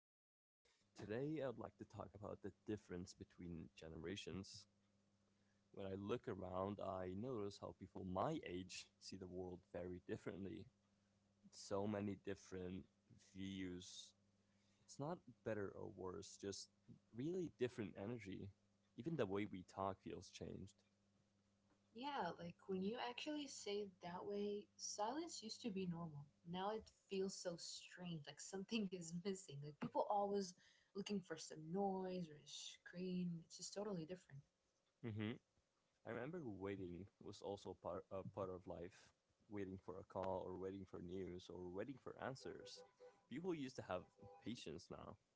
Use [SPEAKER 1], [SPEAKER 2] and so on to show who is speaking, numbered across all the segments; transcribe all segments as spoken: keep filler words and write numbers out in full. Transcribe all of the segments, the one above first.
[SPEAKER 1] And today I'd like to talk about the difference between generations. When I look around, I notice how people my age see the world very differently. So many different views. It's not better or worse, just really different energy. Even the way we talk feels changed.
[SPEAKER 2] Yeah, like when you actually say it that way, silence used to be normal. Now it feels so strange, like something is missing. Like people always looking for some noise or a screen. It's just totally different.
[SPEAKER 1] I remember waiting was also part a part of life. Waiting for a call or waiting for news or waiting for answers. People used to have patience now,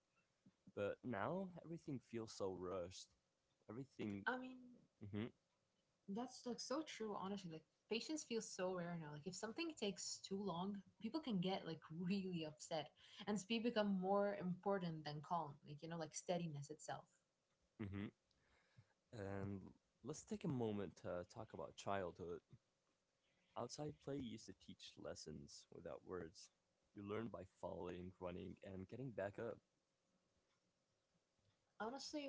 [SPEAKER 1] but now everything feels so rushed. Everything.
[SPEAKER 2] I mean,
[SPEAKER 1] hmm
[SPEAKER 2] that's like so true, honestly. Like patience feels so rare now. Like if something takes too long, people can get like really upset and speed become more important than calm. Like, you know, like steadiness itself.
[SPEAKER 1] hmm And let's take a moment to talk about childhood. Outside play used to teach lessons without words. You learn by falling, running, and getting back up.
[SPEAKER 2] Honestly,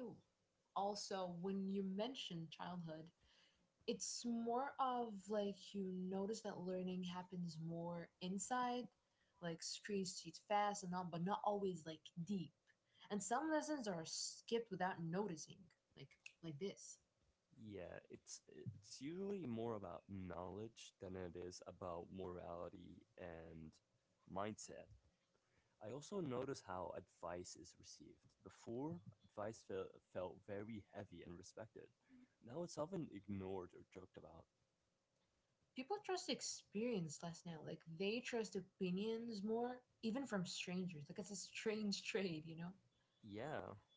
[SPEAKER 2] also when you mention childhood, it's more of like you notice that learning happens more inside, like screens teach fast and all, but not always like deep. And some lessons are skipped without noticing, like like this.
[SPEAKER 1] Yeah, it's it's usually more about knowledge than it is about morality and mindset. I also notice how advice is received. Before, advice fe- felt very heavy and respected. Now it's often ignored or joked about.
[SPEAKER 2] People trust experience less now. Like they trust opinions more, even from strangers. Like it's a strange trade, you know.
[SPEAKER 1] Yeah,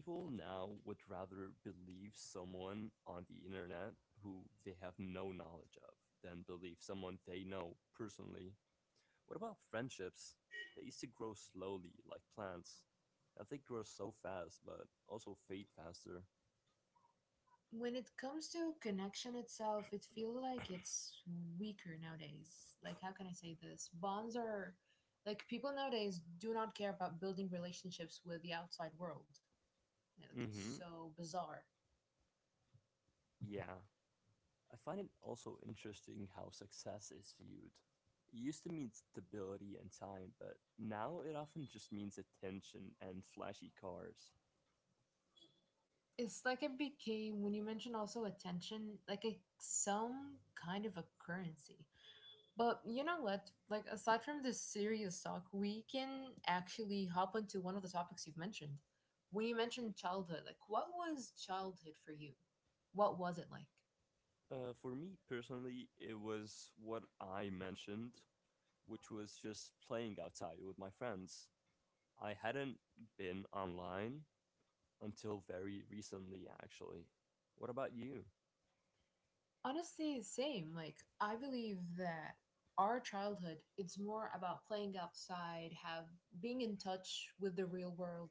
[SPEAKER 1] people now would rather believe someone on the internet who they have no knowledge of than believe someone they know personally. What about friendships? They used to grow slowly, like plants. Now they grow so fast, but also fade faster.
[SPEAKER 2] When it comes to connection itself, it feels like it's weaker nowadays. Like, how can I say this? Bonds are, like, people nowadays do not care about building relationships with the outside world. Like it's
[SPEAKER 1] Mm-hmm.
[SPEAKER 2] so bizarre.
[SPEAKER 1] Yeah. I find it also interesting how success is viewed. It used to mean stability and time, but now it often just means attention and flashy cars.
[SPEAKER 2] It's like it became, when you mentioned also attention, like a some kind of a currency. But you know what? Like, aside from this serious talk, we can actually hop onto one of the topics you've mentioned. When you mentioned childhood, like, what was childhood for you? What was it like?
[SPEAKER 1] Uh, for me personally, it was what I mentioned, which was just playing outside with my friends. I hadn't been online until very recently, actually. What about you?
[SPEAKER 2] Honestly, same. Like, I believe that our childhood, it's more about playing outside, have being in touch with the real world.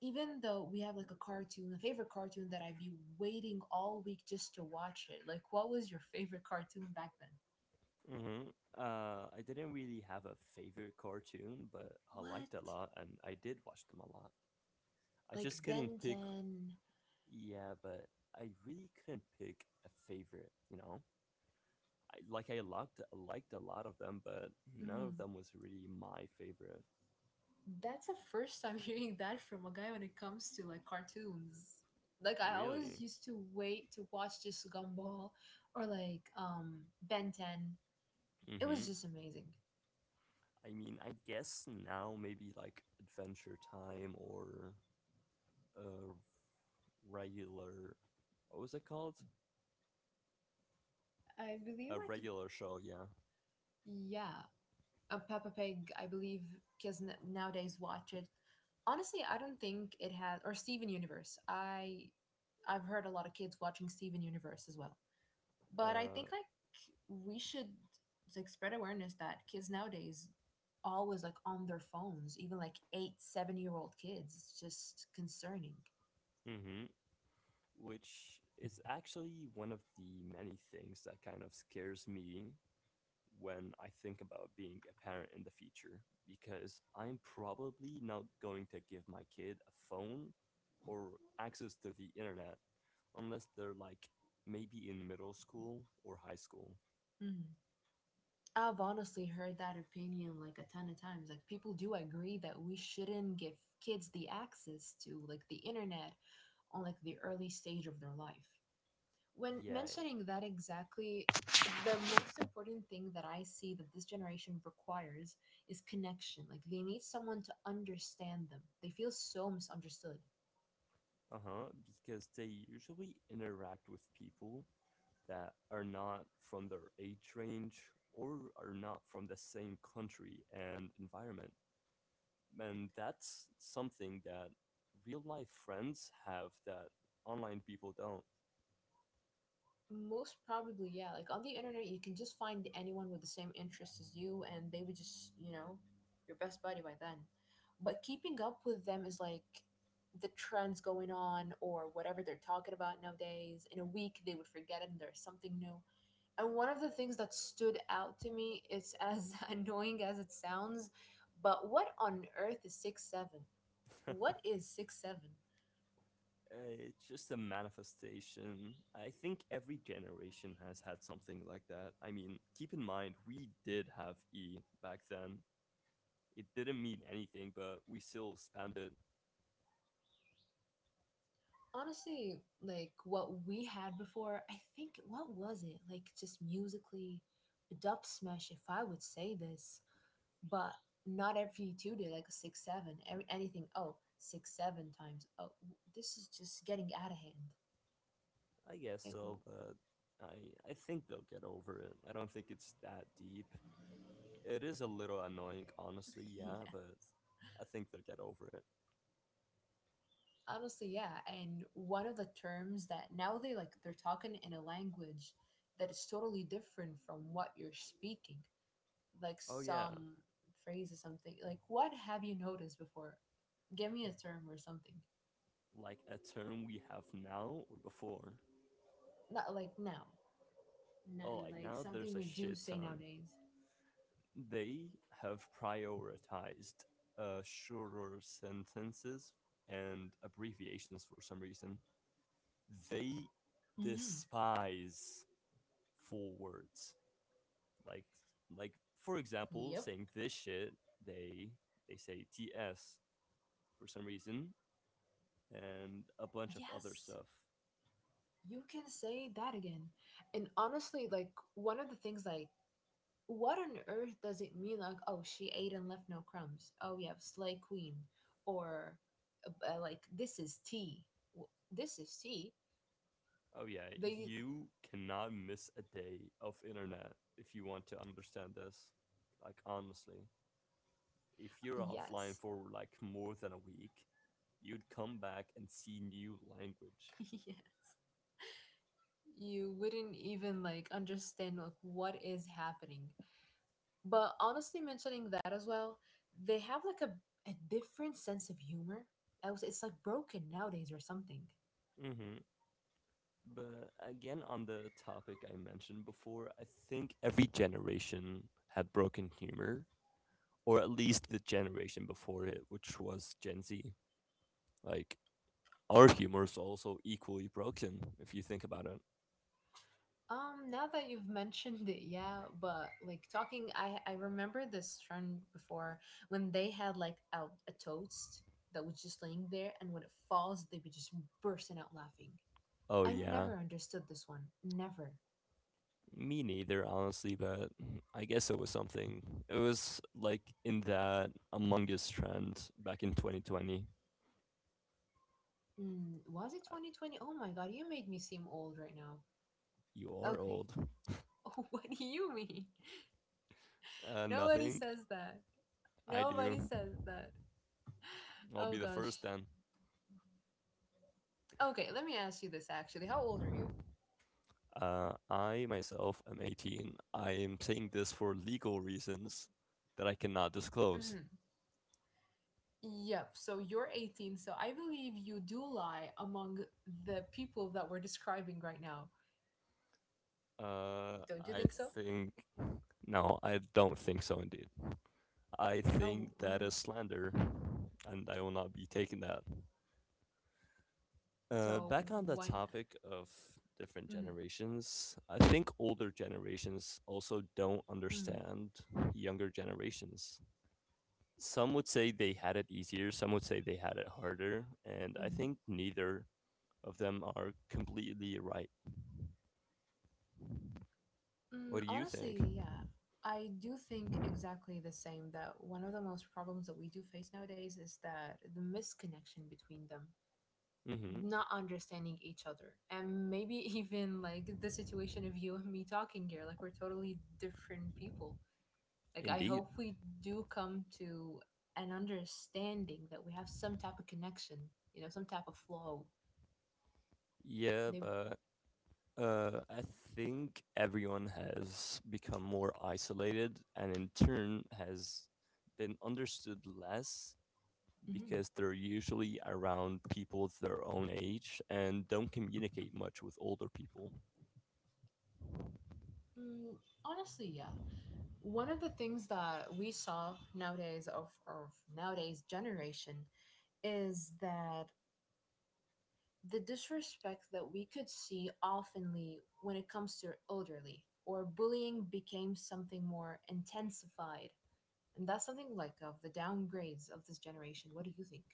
[SPEAKER 2] Even though we have like a cartoon, a favorite cartoon that I'd be waiting all week just to watch it. Like, what was your favorite cartoon back then?
[SPEAKER 1] Mm-hmm. Uh, I didn't really have a favorite cartoon, but I
[SPEAKER 2] What?
[SPEAKER 1] liked a lot, and I did watch them a lot. I
[SPEAKER 2] Like
[SPEAKER 1] just
[SPEAKER 2] Ben
[SPEAKER 1] couldn't pick,
[SPEAKER 2] ten.
[SPEAKER 1] yeah, but I really couldn't pick a favorite, you know? I, like, I liked, liked a lot of them, but none
[SPEAKER 2] Mm.
[SPEAKER 1] of them was really my favorite.
[SPEAKER 2] That's the first time hearing that from a guy when it comes to like cartoons. Like I always
[SPEAKER 1] Really?
[SPEAKER 2] used to wait to watch just Gumball or like um Ben ten. It was
[SPEAKER 1] Mm-hmm.
[SPEAKER 2] just amazing.
[SPEAKER 1] I mean, I guess now maybe like Adventure Time or a regular, what was it called?
[SPEAKER 2] I believe
[SPEAKER 1] A
[SPEAKER 2] I could.
[SPEAKER 1] regular show, yeah.
[SPEAKER 2] Yeah, a Peppa Pig I believe kids n- nowadays watch it. Honestly, I don't think it has or Steven Universe. I I've heard a lot of kids watching Steven Universe as well. But I
[SPEAKER 1] Uh,
[SPEAKER 2] think like we should like spread awareness that kids nowadays always like on their phones, even like eight seven year old kids. It's just concerning.
[SPEAKER 1] hmm Which is actually one of the many things that kind of scares me when I think about being a parent in the future, because I'm probably not going to give my kid a phone or access to the internet unless they're like maybe in middle school or high school.
[SPEAKER 2] Mm-hmm. I've honestly heard that opinion like a ton of times. Like people do agree that we shouldn't give kids the access to like the internet on like the early stage of their life. When
[SPEAKER 1] Yeah,
[SPEAKER 2] mentioning that exactly, the most important thing that I see that this generation requires is connection. Like they need someone to understand them. They feel so misunderstood.
[SPEAKER 1] uh-huh, because they usually interact with people that are not from their age range or are not from the same country and environment. And that's something that real life friends have that online people don't.
[SPEAKER 2] Most probably, yeah. Like on the internet, you can just find anyone with the same interests as you, and they would just, you know, your best buddy by then. But keeping up with them is like the trends going on or whatever they're talking about nowadays. In a week, they would forget it and there's something new. And one of the things that stood out to me is, as annoying as it sounds, but what on earth is six seven? What is six seven?
[SPEAKER 1] Uh, it's just a manifestation. I think every generation has had something like that. I mean, keep in mind, we did have E back then. It didn't mean anything, but we still spammed it.
[SPEAKER 2] Honestly, like what we had before, I think what was it? Like just musically, dub smash if I would say this, but not every two did like a six seven. Every anything, oh, six seven times, oh, this is just getting out of hand.
[SPEAKER 1] I guess
[SPEAKER 2] It,
[SPEAKER 1] so,
[SPEAKER 2] will.
[SPEAKER 1] but I I think they'll get over it. I don't think it's that deep. It is a little annoying, honestly, yeah,
[SPEAKER 2] yeah.
[SPEAKER 1] but I think they'll get over it.
[SPEAKER 2] Honestly, yeah. And one of the terms that now they like they're talking in a language that is totally different from what you're speaking. Like
[SPEAKER 1] Oh yeah,
[SPEAKER 2] some phrase or something. Like what have you noticed before? Give me a term or something.
[SPEAKER 1] like a term we have now or before.
[SPEAKER 2] Not like now. Not
[SPEAKER 1] Oh, like
[SPEAKER 2] like
[SPEAKER 1] now there's
[SPEAKER 2] something
[SPEAKER 1] a
[SPEAKER 2] we do
[SPEAKER 1] shit
[SPEAKER 2] say
[SPEAKER 1] ton.
[SPEAKER 2] nowadays.
[SPEAKER 1] They have prioritized uh, shorter sentences and abbreviations for some reason. They
[SPEAKER 2] Hmm.
[SPEAKER 1] despise full words, like like for example
[SPEAKER 2] Yep.
[SPEAKER 1] saying this shit, they they say ts for some reason and a bunch of other
[SPEAKER 2] Yes.
[SPEAKER 1] stuff.
[SPEAKER 2] You can say that again. And honestly, like one of the things like, what on earth does it mean? Like, oh, she ate and left no crumbs. Oh, yeah, slay queen. Or uh, like, this is tea. W- This is tea.
[SPEAKER 1] Oh yeah,
[SPEAKER 2] They.
[SPEAKER 1] you cannot miss a day of internet if you want to understand this, like honestly, if you're offline
[SPEAKER 2] Yes,
[SPEAKER 1] for like more than a week, you'd come back and see new language.
[SPEAKER 2] yeah. You wouldn't even like understand like what is happening. But honestly, mentioning that as well, they have like a a different sense of humor. I was, it's like broken nowadays or something.
[SPEAKER 1] hmm But again, on the topic I mentioned before, I think every generation had broken humor, or at least the generation before it, which was Gen Z. Like our humor is also equally broken if you think about it.
[SPEAKER 2] Um, now that you've mentioned it, yeah, but like talking, I I remember this trend before when they had like a a toast that was just laying there, and when it falls, they would just bursting out laughing.
[SPEAKER 1] Oh
[SPEAKER 2] I
[SPEAKER 1] yeah.
[SPEAKER 2] never understood this one. Never.
[SPEAKER 1] Me neither, honestly, but I guess it was something. It was like in that Among Us trend back in twenty twenty.
[SPEAKER 2] Mm, was it
[SPEAKER 1] Uh,
[SPEAKER 2] twenty twenty? Oh my god, you made me seem old right now.
[SPEAKER 1] You are
[SPEAKER 2] Okay.
[SPEAKER 1] old.
[SPEAKER 2] what do you mean?
[SPEAKER 1] Uh,
[SPEAKER 2] Nobody
[SPEAKER 1] nothing.
[SPEAKER 2] says that.
[SPEAKER 1] I
[SPEAKER 2] Nobody
[SPEAKER 1] do.
[SPEAKER 2] says that.
[SPEAKER 1] I'll
[SPEAKER 2] Oh
[SPEAKER 1] be the first
[SPEAKER 2] gosh.
[SPEAKER 1] then.
[SPEAKER 2] Okay, let me ask you this actually. How old are you?
[SPEAKER 1] Uh, I myself am eighteen. I am saying this for legal reasons that I cannot disclose.
[SPEAKER 2] Mm-hmm. Yep. So you're eighteen. So I believe you do lie among the people that we're describing right now.
[SPEAKER 1] Uh,
[SPEAKER 2] Don't you
[SPEAKER 1] I
[SPEAKER 2] think so?
[SPEAKER 1] think No, I don't think so. Indeed, I
[SPEAKER 2] Oh,
[SPEAKER 1] think
[SPEAKER 2] why
[SPEAKER 1] that
[SPEAKER 2] not?
[SPEAKER 1] is slander, and I will not be taking that. Uh,
[SPEAKER 2] So
[SPEAKER 1] back on the
[SPEAKER 2] why not?
[SPEAKER 1] topic of different
[SPEAKER 2] Mm-hmm,
[SPEAKER 1] generations, I think older generations also don't
[SPEAKER 2] mm-hmm,
[SPEAKER 1] understand younger generations. Some would say they had it easier, some would say they had it harder, and I
[SPEAKER 2] mm-hmm.
[SPEAKER 1] think neither of them are completely right. What
[SPEAKER 2] Mm,
[SPEAKER 1] do you
[SPEAKER 2] honestly,
[SPEAKER 1] think?
[SPEAKER 2] yeah. I do think exactly the same, that one of the most problems that we do face nowadays is that the misconnection between them,
[SPEAKER 1] Mm-hmm.
[SPEAKER 2] not understanding each other. And maybe even like the situation of you and me talking here, like we're totally different people. Like, I
[SPEAKER 1] Indeed.
[SPEAKER 2] hope we do come to an understanding that we have some type of connection, you know, some type of flow.
[SPEAKER 1] Yeah,
[SPEAKER 2] They.
[SPEAKER 1] but Uh, I think everyone has become more isolated and in turn has been understood less
[SPEAKER 2] Mhm.
[SPEAKER 1] because they're usually around people their own age and don't communicate much with older people.
[SPEAKER 2] Mm, honestly, yeah. One of the things that we saw nowadays of, of nowadays generation is that the disrespect that we could see oftenly when it comes to elderly or bullying became something more intensified. And that's something like of the downgrades of this generation. What do you think?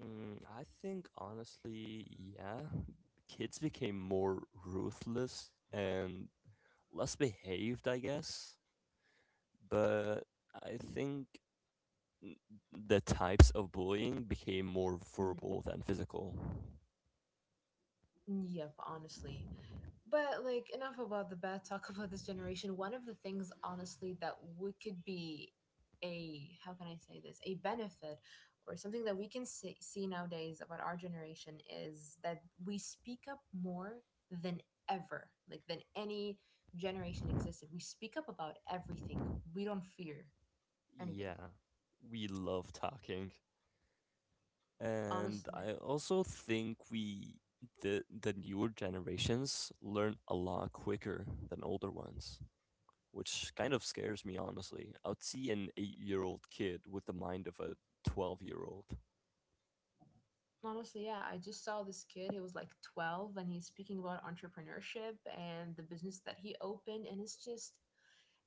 [SPEAKER 1] Mm, I think honestly, yeah, kids became more ruthless and less behaved, I guess. But I think the types of bullying became more verbal than physical.
[SPEAKER 2] Yep, honestly. But like enough about the bad talk about this generation. One of the things honestly that we could be, a how can I say this? A benefit or something that we can see, see nowadays about our generation is that we speak up more than ever, like than any generation existed. We speak up about everything. We don't fear anything.
[SPEAKER 1] Yeah, we love talking. And
[SPEAKER 2] Honestly.
[SPEAKER 1] I also think we the the newer generations learn a lot quicker than older ones, which kind of scares me honestly. I would see an eight-year-old kid with the mind of a twelve-year-old.
[SPEAKER 2] Honestly, yeah, I just saw this kid. He was like twelve and he's speaking about entrepreneurship and the business that he opened. And it's just,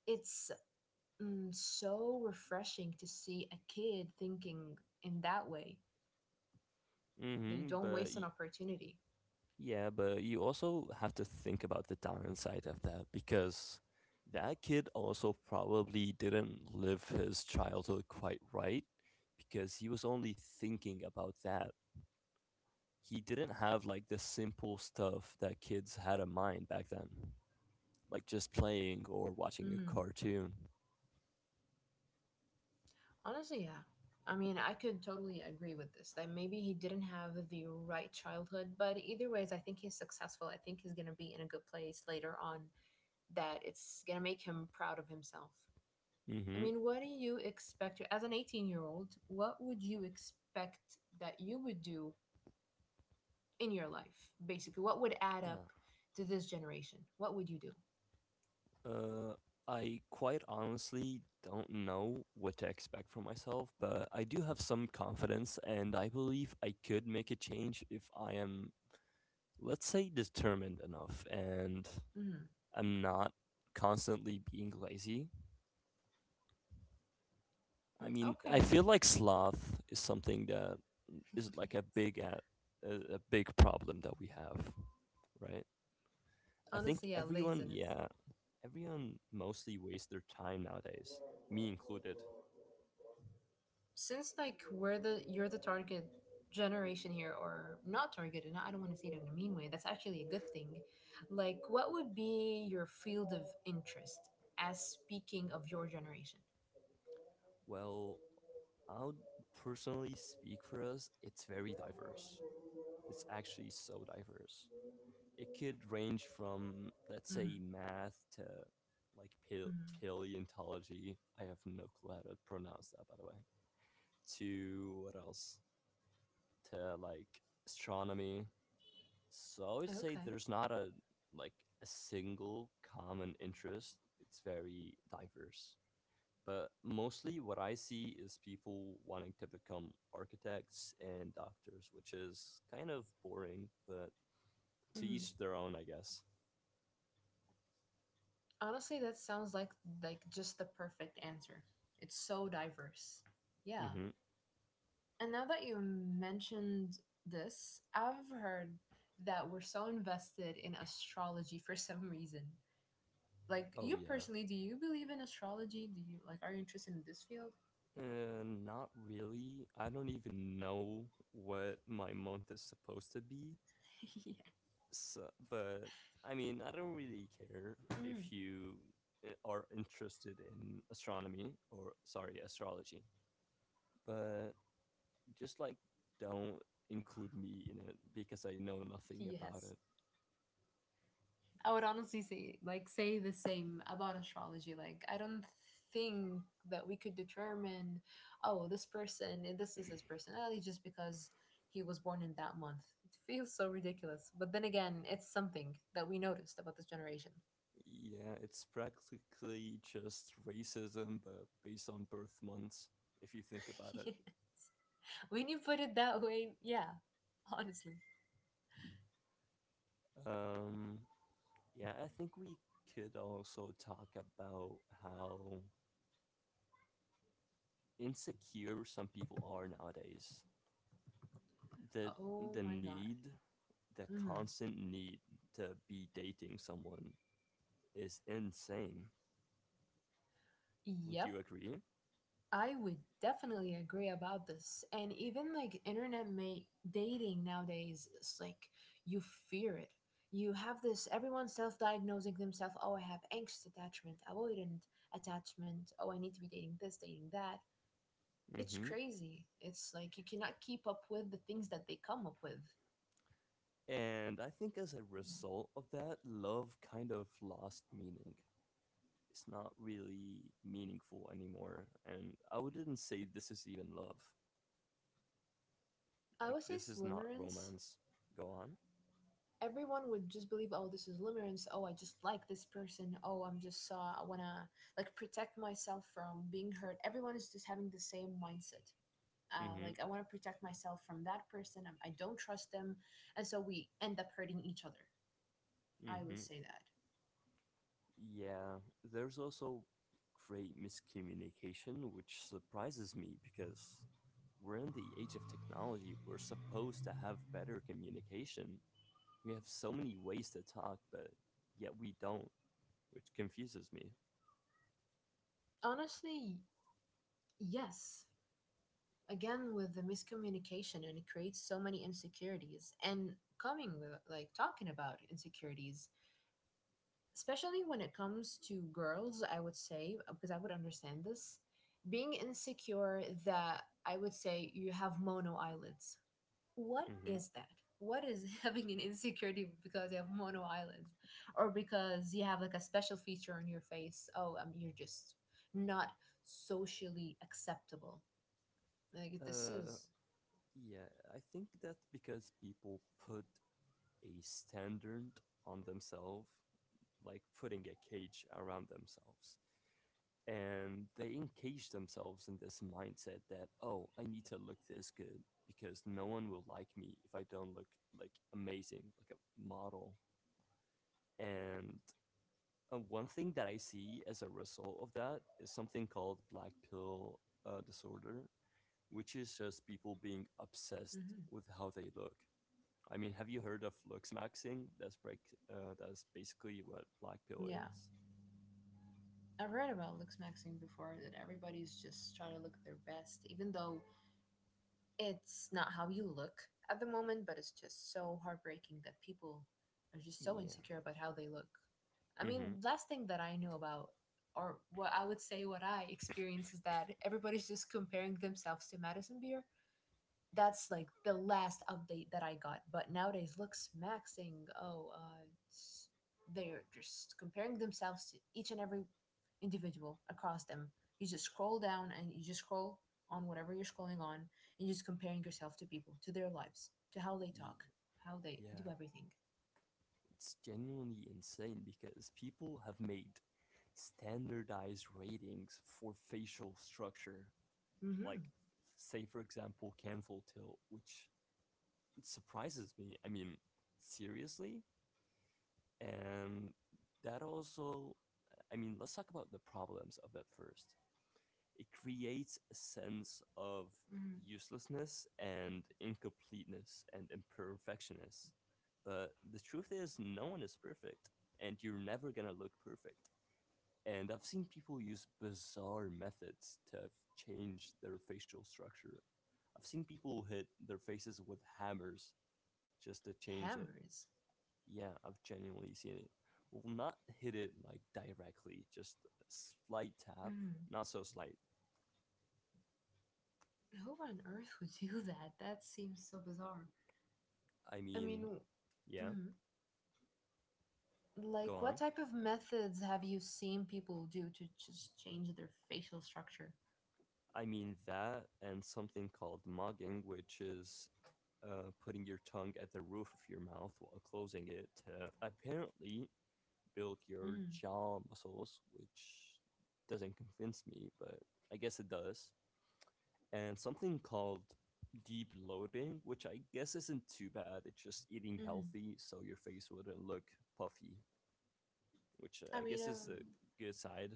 [SPEAKER 2] it's mm, so refreshing to see a kid thinking in that way. They
[SPEAKER 1] Mhm,
[SPEAKER 2] don't
[SPEAKER 1] but
[SPEAKER 2] waste an opportunity.
[SPEAKER 1] yeah, but you also have to think about the downside of that because that kid also probably didn't live his childhood quite right because he was only thinking about that. He didn't have like the simple stuff that kids had in mind back then, like just playing or watching a
[SPEAKER 2] Hmm.
[SPEAKER 1] cartoon.
[SPEAKER 2] Honestly, yeah. I mean, I could totally agree with this. That maybe he didn't have the right childhood, but either ways, I think he's successful. I think he's going to be in a good place later on, that it's going to make him proud of himself. I
[SPEAKER 1] Mhm.
[SPEAKER 2] mean, what do you expect as an eighteen-year-old? What would you expect that you would do in your life? Basically, what would add up to this generation? What would you do?
[SPEAKER 1] Uh, I quite honestly don't know what to expect from myself, but I do have some confidence, and I believe I could make a change if I am, let's say, determined enough and
[SPEAKER 2] Mm-hmm.
[SPEAKER 1] I'm not constantly being lazy. I
[SPEAKER 2] Mm,
[SPEAKER 1] mean, I
[SPEAKER 2] okay.
[SPEAKER 1] feel like sloth is something that is like a
[SPEAKER 2] yes.
[SPEAKER 1] big at a, a big problem that we have, right? I think
[SPEAKER 2] Honestly, yeah,
[SPEAKER 1] everyone,
[SPEAKER 2] laziness.
[SPEAKER 1] yeah, everyone mostly wastes their time nowadays, me included.
[SPEAKER 2] Since like we're the you're the target generation here, or not targeted. I don't want to say it in a mean way. That's actually a good thing. Like, what would be your field of interest as speaking of your generation?
[SPEAKER 1] Well, I would personally speak for us. It's very diverse. It's actually so diverse. It could range from, let's
[SPEAKER 2] Mm-hmm.
[SPEAKER 1] say, math to like pale-
[SPEAKER 2] Mm-hmm.
[SPEAKER 1] paleontology. I have no clue how to pronounce that, by the way. To what else? To like astronomy. So I would say
[SPEAKER 2] Okay.
[SPEAKER 1] there's not a like a single common interest. It's very diverse. But mostly what I see is people wanting to become architects and doctors, which is kind of boring, but to
[SPEAKER 2] Mhm.
[SPEAKER 1] each their own, I guess.
[SPEAKER 2] Honestly, that sounds like like just the perfect answer. It's so diverse. Yeah.
[SPEAKER 1] hmm
[SPEAKER 2] And now that you mentioned this, I've heard that we're so invested in astrology for some reason. Like
[SPEAKER 1] Oh,
[SPEAKER 2] you
[SPEAKER 1] yeah.
[SPEAKER 2] personally, do you believe in astrology? Do you like, are you interested in this field?
[SPEAKER 1] Uh, not really. I don't even know what my month is supposed to be.
[SPEAKER 2] yeah.
[SPEAKER 1] So, but I mean, I don't really care if
[SPEAKER 2] Mm,
[SPEAKER 1] you uh, are interested in astronomy or, sorry, astrology. But just like don't include me in it because I know nothing about it.
[SPEAKER 2] yes. I would honestly say like say the same about astrology. Like I don't think that we could determine, oh, this person, eh, this is his personality just because he was born in that month. It feels so ridiculous. But then again, it's something that we noticed about this generation.
[SPEAKER 1] Yeah, it's practically just racism, but based on birth months, if you think about it.
[SPEAKER 2] when you put it that way, yeah, honestly.
[SPEAKER 1] Um, yeah, I think we could also talk about how insecure some people are nowadays. The
[SPEAKER 2] Oh
[SPEAKER 1] the
[SPEAKER 2] my god.
[SPEAKER 1] need, the
[SPEAKER 2] Mhm.
[SPEAKER 1] constant need to be dating someone is insane. Would
[SPEAKER 2] Yep.
[SPEAKER 1] you agree?
[SPEAKER 2] I would definitely agree about this. And even like internet ma- dating nowadays, it's like you fear it. You have this everyone self diagnosing themselves, oh, I have anxious attachment, avoidant attachment, oh, I need to be dating this, dating that. It's
[SPEAKER 1] Mm-hmm.
[SPEAKER 2] crazy. It's like you cannot keep up with the things that they come up with.
[SPEAKER 1] And I think as a result of that, love kind of lost meaning. It's not really meaningful anymore. And I wouldn't say this is even love.
[SPEAKER 2] I
[SPEAKER 1] Like,
[SPEAKER 2] would say
[SPEAKER 1] this is not
[SPEAKER 2] slimerence.
[SPEAKER 1] romance. Go on.
[SPEAKER 2] Everyone would just believe, oh, this is limerence. Oh, I just like this person. Oh, I'm just, uh, I want to like protect myself from being hurt. Everyone is just having the same mindset.
[SPEAKER 1] Mm
[SPEAKER 2] Uh,
[SPEAKER 1] hmm.
[SPEAKER 2] like, I want to protect myself from that person. I, I don't trust them. And so we end up hurting each other.
[SPEAKER 1] Mm
[SPEAKER 2] I would
[SPEAKER 1] hmm.
[SPEAKER 2] say that.
[SPEAKER 1] Yeah. There's also great miscommunication, which surprises me because we're in the age of technology. We're supposed to have better communication. We have so many ways to talk, but yet we don't, which confuses me.
[SPEAKER 2] Honestly, yes. Again, with the miscommunication, and it creates so many insecurities. And coming with, like, talking about insecurities, especially when it comes to girls, I would say, uh, because I would understand this, being insecure that I would say you have mono eyelids. What
[SPEAKER 1] Mm-hmm.
[SPEAKER 2] is that? What is having an insecurity because you have mono eyelids or because you have like a special feature on your face? Oh, um, you're just not socially acceptable. Like, this
[SPEAKER 1] Uh,
[SPEAKER 2] is.
[SPEAKER 1] yeah, I think that because people put a standard on themselves, like putting a cage around themselves, and they encage themselves in this mindset that, oh, I need to look this good because no one will like me if I don't look like amazing, like a model. And Uh, one thing that I see as a result of that is something called black pill uh, disorder, which is just people being obsessed
[SPEAKER 2] hmm
[SPEAKER 1] with how they look. I mean, have you heard of looks maxing? That's break. Uh, that's basically what black pill
[SPEAKER 2] Yeah,
[SPEAKER 1] is.
[SPEAKER 2] I've read about Lux Maxing before, that everybody's just trying to look their best, even though it's not how you look at the moment, but it's just so heartbreaking that people are just so
[SPEAKER 1] Yeah.
[SPEAKER 2] insecure about how they look. I
[SPEAKER 1] Mm-hmm.
[SPEAKER 2] mean, last thing that I knew about, or what I would say what I experience, is that everybody's just comparing themselves to Madison Beer. That's like the last update that I got. But nowadays, look, Smack saying, "Oh, uh, it's- they're just comparing themselves to each and every individual across them." You just scroll down and you just scroll on whatever you're scrolling on, and you're just comparing yourself to people, to their lives, to how they talk, how they
[SPEAKER 1] Yeah,
[SPEAKER 2] do everything.
[SPEAKER 1] it's genuinely insane because people have made standardized ratings for facial structure, like
[SPEAKER 2] Mm-hmm.
[SPEAKER 1] say for example canful tilt, which surprises me. I mean, seriously? And that also, I mean, let's talk about the problems of that first. It creates a sense of
[SPEAKER 2] hmm
[SPEAKER 1] uselessness and incompleteness and imperfectionness. But the truth is, no one is perfect, and you're never gonna look perfect. And I've seen people use bizarre methods to change their facial structure. I've seen people hit their faces with hammers just to change it.
[SPEAKER 2] Hammers.
[SPEAKER 1] Yeah, I've genuinely seen it. Well, not hit it like directly, just a slight tap.
[SPEAKER 2] Mm.
[SPEAKER 1] Not so slight.
[SPEAKER 2] Who on earth would do that? That seems so bizarre.
[SPEAKER 1] I
[SPEAKER 2] I mean,
[SPEAKER 1] mean, yeah,
[SPEAKER 2] mhm.
[SPEAKER 1] go
[SPEAKER 2] Like,
[SPEAKER 1] on.
[SPEAKER 2] what type of methods have you seen people do to just change their facial structure?
[SPEAKER 1] I mean that and something called mugging, which is uh, putting your tongue at the roof of your mouth while closing it to apparently build your
[SPEAKER 2] Mm,
[SPEAKER 1] jaw muscles, which doesn't convince me, but I guess it does. And something called deep loading, which I guess isn't too bad. It's just eating
[SPEAKER 2] mm.
[SPEAKER 1] healthy so your face wouldn't look puffy, which I
[SPEAKER 2] I mean,
[SPEAKER 1] guess
[SPEAKER 2] I've,
[SPEAKER 1] is a good side.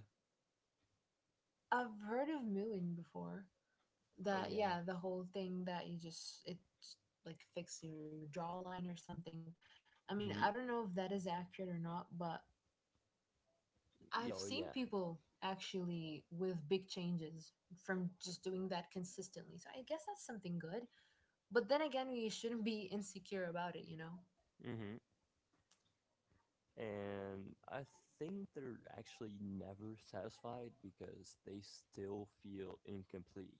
[SPEAKER 2] I've heard of mooing before.
[SPEAKER 1] Oh
[SPEAKER 2] That,
[SPEAKER 1] yeah.
[SPEAKER 2] yeah, the whole thing that you just, it like fix your, your jawline or something. I mean, I
[SPEAKER 1] hmm
[SPEAKER 2] don't know if that is accurate or not, but I've
[SPEAKER 1] oh
[SPEAKER 2] seen
[SPEAKER 1] yeah.
[SPEAKER 2] people actually with big changes from just doing that consistently. So I guess that's something good. But then again, we shouldn't be insecure about it, you know?
[SPEAKER 1] hmm And I think they're actually never satisfied because they still feel incomplete,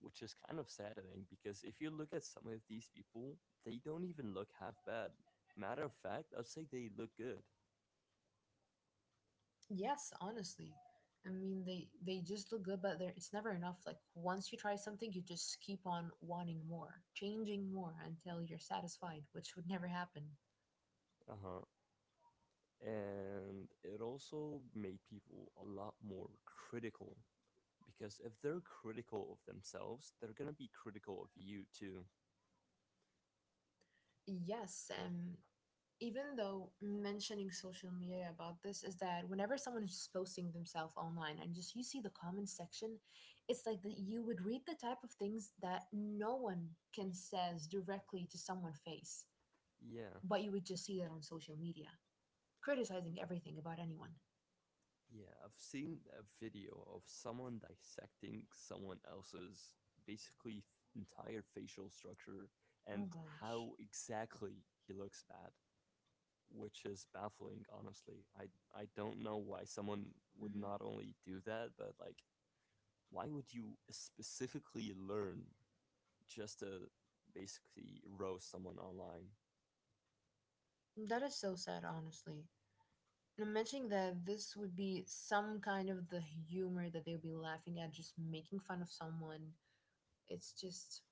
[SPEAKER 1] which is kind of saddening because if you look at some of these people, they don't even look half bad. Matter of fact, I'd say they look good.
[SPEAKER 2] Yes, honestly. I mean, they they just look good, but there it's never enough. Like once you try something, you just keep on wanting more, changing more until you're satisfied, which would never happen.
[SPEAKER 1] Uh huh. and it also made people a lot more critical because if they're critical of themselves, they're gonna be critical of you too.
[SPEAKER 2] Yes, um even though mentioning social media about this is that whenever someone is just posting themselves online and just you see the comment section, it's like that you would read the type of things that no one can says directly to someone face,
[SPEAKER 1] Yeah,
[SPEAKER 2] but you would just see that on social media, criticizing
[SPEAKER 1] y-
[SPEAKER 2] everything about anyone.
[SPEAKER 1] yeah. I've seen a video of someone dissecting someone else's basically f- entire facial structure
[SPEAKER 2] Oh
[SPEAKER 1] and
[SPEAKER 2] gosh.
[SPEAKER 1] how exactly he looks bad, which is baffling. Honestly, I I don't know why someone would
[SPEAKER 2] Mhm.
[SPEAKER 1] not only do that, but like why would you specifically learn just to basically roast someone online.
[SPEAKER 2] That is so sad, honestly. And I'm mentioning that this would be some kind of the humor that they would be laughing at, just making fun of someone. It's just,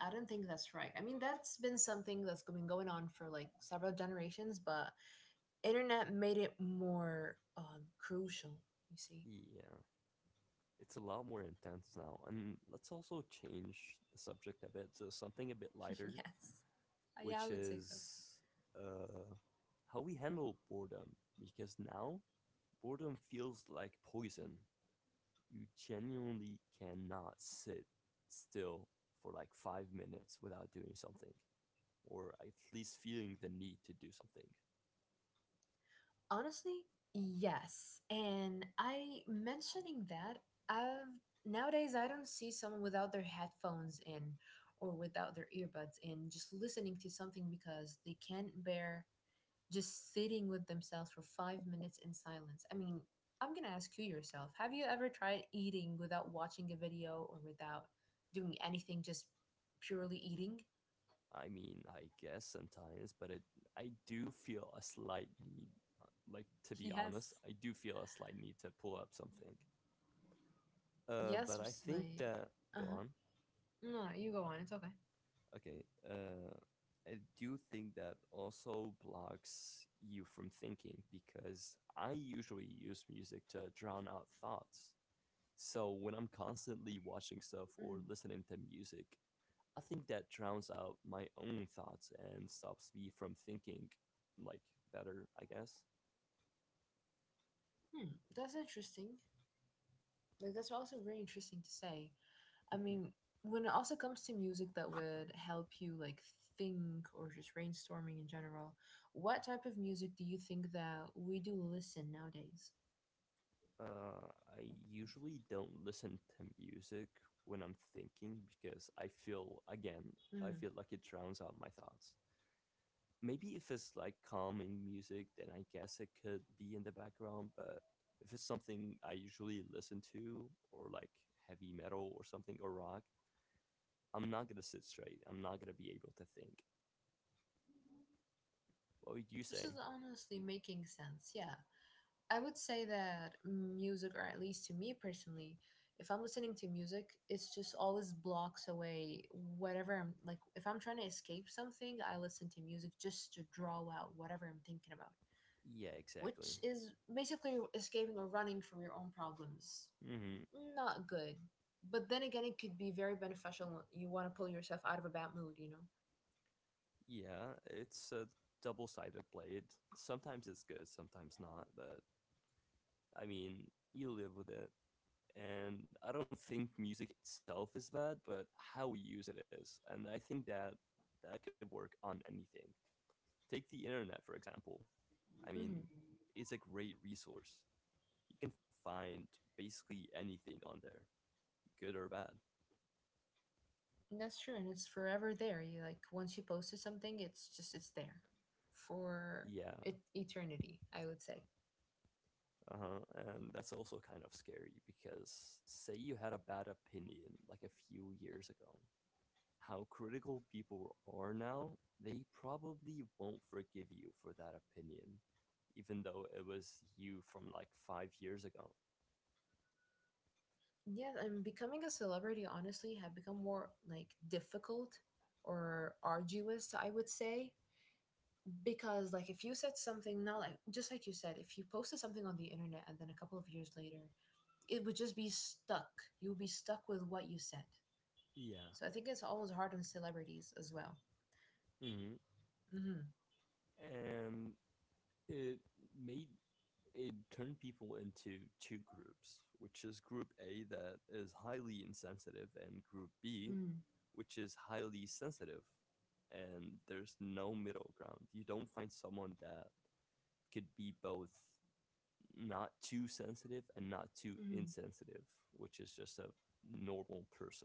[SPEAKER 2] I don't think that's right. I mean, that's been something that's been going on for like several generations, but internet made it more um, crucial. You see?
[SPEAKER 1] Yeah, it's a lot more intense now. And let's also change the subject a bit to something a bit lighter,
[SPEAKER 2] Yes. Uh, Yeah, I
[SPEAKER 1] which
[SPEAKER 2] would say so.
[SPEAKER 1] is uh, how we handle boredom. Because now boredom feels like poison. You genuinely cannot sit still for like five minutes without doing something, or at least feeling the need to do something.
[SPEAKER 2] Honestly, yes. And I mentioning that I've nowadays I don't see someone without their headphones in or without their earbuds in, just listening to something because they can't bear just sitting with themselves for five minutes in silence. I mean, I'm going to ask you yourself, have you ever tried eating without watching a video or without doing anything, just purely eating?
[SPEAKER 1] I mean, I guess sometimes, but it, I do feel a slight need, uh, like to be honest,
[SPEAKER 2] Yes.
[SPEAKER 1] I do feel a slight need to pull up something. Uh,
[SPEAKER 2] Yes,
[SPEAKER 1] but I
[SPEAKER 2] it's
[SPEAKER 1] think
[SPEAKER 2] like
[SPEAKER 1] that go
[SPEAKER 2] uh-huh.
[SPEAKER 1] on.
[SPEAKER 2] No, you go on. It's okay.
[SPEAKER 1] Okay. Uh, I do think that also blocks you from thinking because I usually use music to drown out thoughts. So when I'm constantly watching stuff or listening to music, I think that drowns out my own thoughts and stops me from thinking like better, I guess.
[SPEAKER 2] Hmm, that's interesting. Like that's also very interesting to say. I mean, when it also comes to music that would help you like think or just brainstorming in general, what type of music do you think that we do listen nowadays?
[SPEAKER 1] Uh, I usually don't listen to music when I'm thinking because I feel again,
[SPEAKER 2] Hmm,
[SPEAKER 1] I feel like it drowns out my thoughts. Maybe if it's like calming music, then I guess it could be in the background, but if it's something I usually listen to or like heavy metal or something or rock, I'm not gonna sit straight. I'm not gonna be able to think. What would you
[SPEAKER 2] this is
[SPEAKER 1] say?
[SPEAKER 2] honestly making sense. Yeah, I would say that music, or at least to me personally, if I'm listening to music, it's just always blocks away whatever I'm like. If I'm trying to escape something, I listen to music just to draw out whatever I'm thinking about,
[SPEAKER 1] Yeah,
[SPEAKER 2] which
[SPEAKER 1] exactly.
[SPEAKER 2] is basically escaping or running from your own problems.
[SPEAKER 1] Hmm.
[SPEAKER 2] Not good. But then again, it could be very beneficial when you want to pull yourself out of a bad mood, you know?
[SPEAKER 1] Yeah, it's a double sided blade. Sometimes it's good, sometimes not, but I mean, you live with it. And I don't think music itself is bad, but how we use it is. And I think that that could work on anything. Take the internet, for example. I mean,
[SPEAKER 2] hmm
[SPEAKER 1] it's a great resource. You can find basically anything on there, good or bad.
[SPEAKER 2] That's true. And it's forever there. You like, once you posted something, it's just, it's there for
[SPEAKER 1] Yeah.
[SPEAKER 2] it, eternity, I would say.
[SPEAKER 1] Uh-huh. And that's also kind of scary because say you had a bad opinion like a few years ago, how critical people are now, they probably won't forgive you for that opinion, even though it was you from like five years ago.
[SPEAKER 2] Yes, and becoming a celebrity, honestly, have become more like difficult or arduous, I would say, because like if you said something, not like just like you said, if you posted something on the internet and then a couple of years later, it would just be stuck, you would be stuck with what you said.
[SPEAKER 1] Yeah.
[SPEAKER 2] So I think it's always hard on celebrities as well.
[SPEAKER 1] Hmm.
[SPEAKER 2] hmm
[SPEAKER 1] And it made it turned people into two groups, which is group A that is highly insensitive and group B
[SPEAKER 2] mm
[SPEAKER 1] which is highly sensitive. And there's no middle ground. You don't find someone that could be both not too sensitive and not too
[SPEAKER 2] mm
[SPEAKER 1] insensitive, which is just a normal person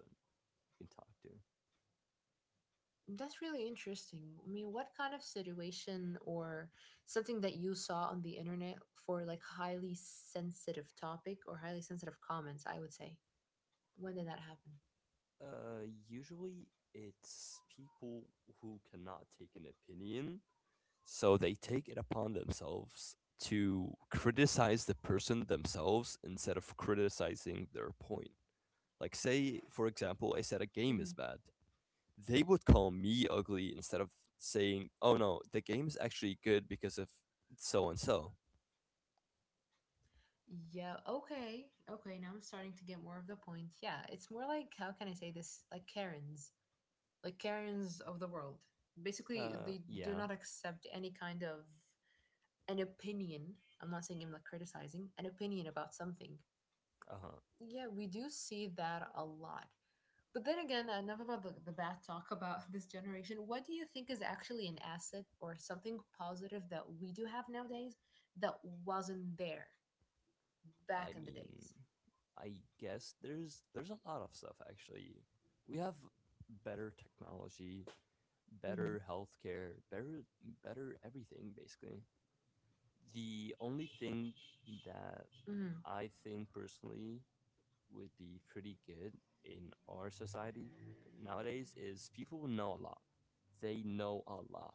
[SPEAKER 1] you can talk to.
[SPEAKER 2] that's really interesting. I mean, what kind of situation or something that you saw on the internet for like highly sensitive topic or highly sensitive comments, I would say, when did that happen?
[SPEAKER 1] Uh, usually it's people who cannot take an opinion. So they take it upon themselves to criticize the person themselves instead of criticizing their point. Like, say, for example, I said a game
[SPEAKER 2] Mm-hmm.
[SPEAKER 1] is bad. They would call me ugly instead of saying, oh no, the game's actually good because of so and so.
[SPEAKER 2] Yeah, okay. Okay, now I'm starting to get more of the point. Yeah, it's more like how can I say this? Like Karens. Like Karens of the world. Basically,
[SPEAKER 1] Uh,
[SPEAKER 2] they do
[SPEAKER 1] yeah.
[SPEAKER 2] not accept any kind of an opinion. I'm not saying I'm like criticizing, an opinion about something.
[SPEAKER 1] Uh huh.
[SPEAKER 2] Yeah, we do see that a lot. But then again, enough about the, the bad talk about this generation. What do you think is actually an asset or something positive that we do have nowadays that wasn't there back
[SPEAKER 1] I
[SPEAKER 2] in the
[SPEAKER 1] mean,
[SPEAKER 2] days?
[SPEAKER 1] I guess there's there's a lot of stuff actually. We have better technology,
[SPEAKER 2] Hmm.
[SPEAKER 1] better healthcare, better better everything basically. The only thing that I think personally would be pretty good in our society nowadays is people know a lot. They know a lot.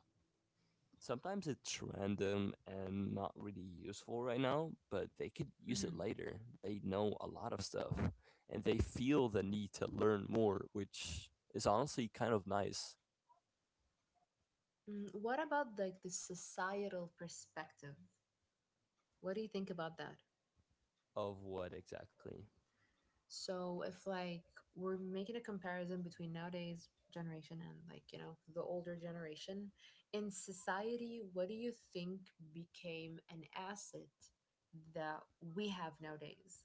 [SPEAKER 1] Sometimes it's random and not really useful right now, but they could use it
[SPEAKER 2] Mhm.
[SPEAKER 1] later. They know a lot of stuff and they feel the need to learn more, which is honestly kind of nice.
[SPEAKER 2] Mm, what about like the societal perspective? What do you think about that?
[SPEAKER 1] Of what exactly?
[SPEAKER 2] So if like we're making a comparison between nowadays generation and like, you know, the older generation, in society, what do you think became an asset that we have nowadays?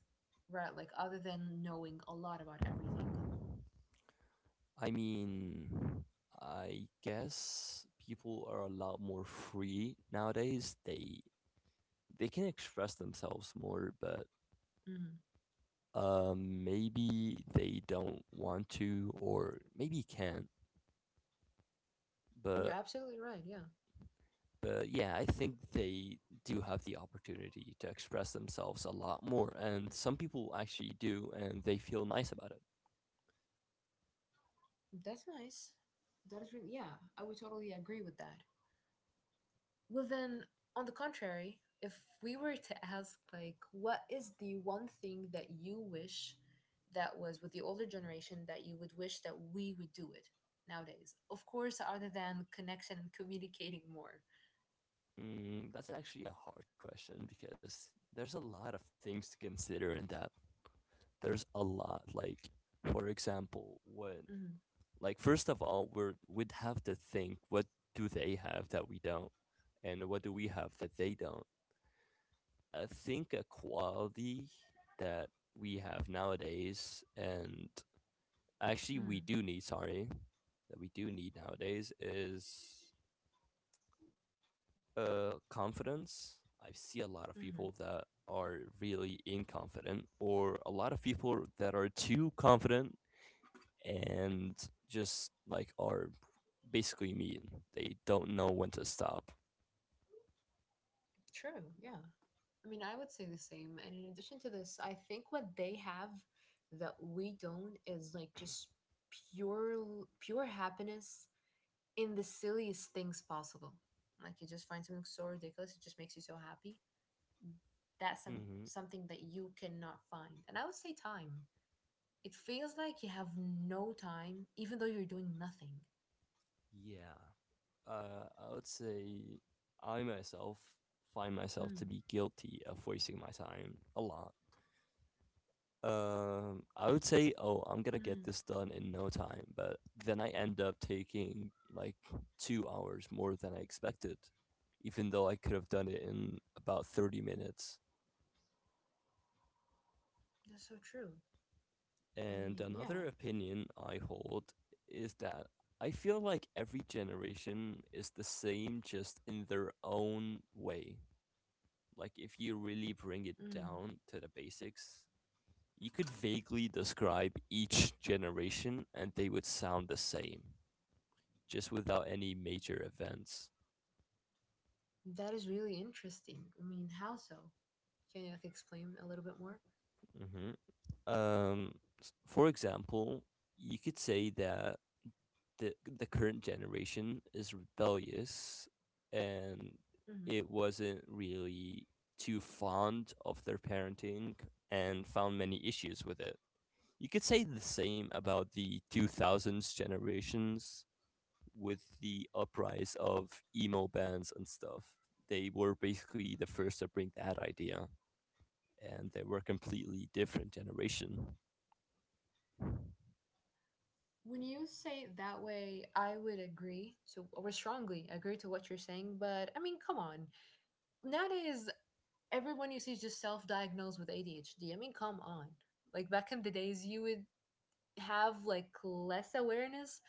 [SPEAKER 2] Right, like other than knowing a lot about everything.
[SPEAKER 1] I mean, I guess people are a lot more free nowadays. They they can express themselves more, but
[SPEAKER 2] hmm
[SPEAKER 1] um, maybe they don't want to, or maybe can't.
[SPEAKER 2] You're
[SPEAKER 1] But
[SPEAKER 2] absolutely right. Yeah.
[SPEAKER 1] but yeah, I think they do have the opportunity to express themselves a lot more, and some people actually do, and they feel nice about it.
[SPEAKER 2] That's nice. That is really, yeah, I would totally agree with that. Well, then, on the contrary, if we were to ask, like, what is the one thing that you wish that was with the older generation that you would wish that we would do it nowadays? Of course, other than connection and communicating more.
[SPEAKER 1] Mm, that's actually a hard question because there's a lot of things to consider in that. There's a lot. Like, for example, what,
[SPEAKER 2] hmm
[SPEAKER 1] like, first of all, we're, we'd have to think what do they have that we don't, and what do we have that they don't. I think a quality that we have nowadays, and actually we
[SPEAKER 2] hmm
[SPEAKER 1] do need, sorry, that we do need nowadays is Uh, confidence. I see a lot of
[SPEAKER 2] hmm
[SPEAKER 1] people that are really inconfident, or a lot of people that are too confident and just like are basically mean. They don't know when to stop.
[SPEAKER 2] True, yeah. I mean, I would say the same. And in addition to this, I think what they have that we don't is like just pure pure happiness in the silliest things possible. Like you just find something so ridiculous, it just makes you so happy. That's some,
[SPEAKER 1] Mm-hmm.
[SPEAKER 2] something that you cannot find. And I would say time. It feels like you have no time, even though you're doing nothing.
[SPEAKER 1] Yeah. Uh, I would say I myself find myself to
[SPEAKER 2] Mm,
[SPEAKER 1] be guilty of wasting my time a lot. Um, I would say, oh, I'm gonna get this
[SPEAKER 2] mm,
[SPEAKER 1] done in no time, but then I end up taking like two hours more than I expected, even though I could have done it in about thirty minutes.
[SPEAKER 2] that's so true. I
[SPEAKER 1] And
[SPEAKER 2] mean, yeah.
[SPEAKER 1] another opinion I hold is that I feel like every generation is the same just in their own way. Like, if you really bring it
[SPEAKER 2] Mm,
[SPEAKER 1] down to the basics, you could vaguely describe each generation and they would sound the same. Just without any major events.
[SPEAKER 2] that is really interesting. I mean, how so? Can you like, explain a little bit more?
[SPEAKER 1] Hmm. Um, s- for example, you could say that the the current generation is rebellious, and
[SPEAKER 2] hmm
[SPEAKER 1] it wasn't really too fond of their parenting and found many issues with it. You could say the same about the two thousands generations with the uprise of emo bands and stuff. They were basically the first to bring that idea and they were completely different generation.
[SPEAKER 2] When you say it that way, I would agree. So, or strongly agree to what you're saying. But I mean, come on. Nowadays, everyone you see is just self-diagnosed with A D H D. I mean, come on. Like back in the days, you would have like less awareness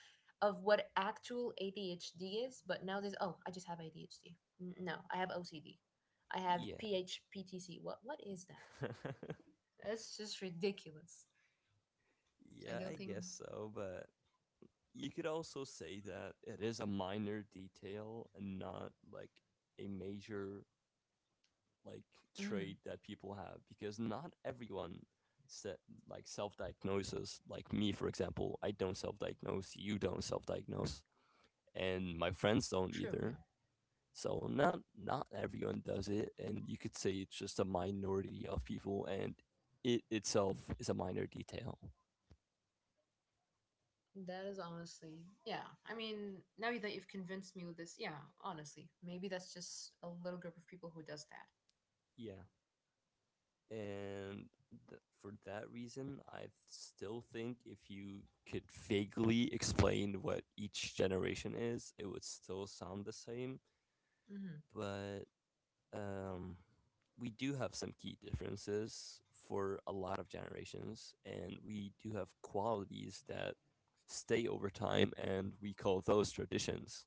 [SPEAKER 2] of what actual A D H D is, but nowadays, oh, I just have A D H D. No, I have O C D. I have
[SPEAKER 1] Yeah.
[SPEAKER 2] P H P T C. What what is that? That's just ridiculous. So I
[SPEAKER 1] Yeah, I
[SPEAKER 2] don't think.
[SPEAKER 1] guess so, but you could also say that it is a minor detail and not like a major like
[SPEAKER 2] hmm
[SPEAKER 1] trait that people have because not everyone set like self-diagnoses. Like me for example, I don't self-diagnose, you don't self-diagnose, and my friends don't
[SPEAKER 2] True. Yeah.
[SPEAKER 1] either. So not not everyone does it and you could say it's just a minority of people and it itself is a minor detail.
[SPEAKER 2] That is honestly. Yeah. I mean, now that you've convinced me with this, yeah. Honestly, maybe that's just a little group of people who does that.
[SPEAKER 1] Yeah, and th- for that reason I still think if you could vaguely explain what each generation is it would still sound the same,
[SPEAKER 2] hmm
[SPEAKER 1] but um, we do have some key differences for a lot of generations, and we do have qualities that stay over time, and we call those traditions.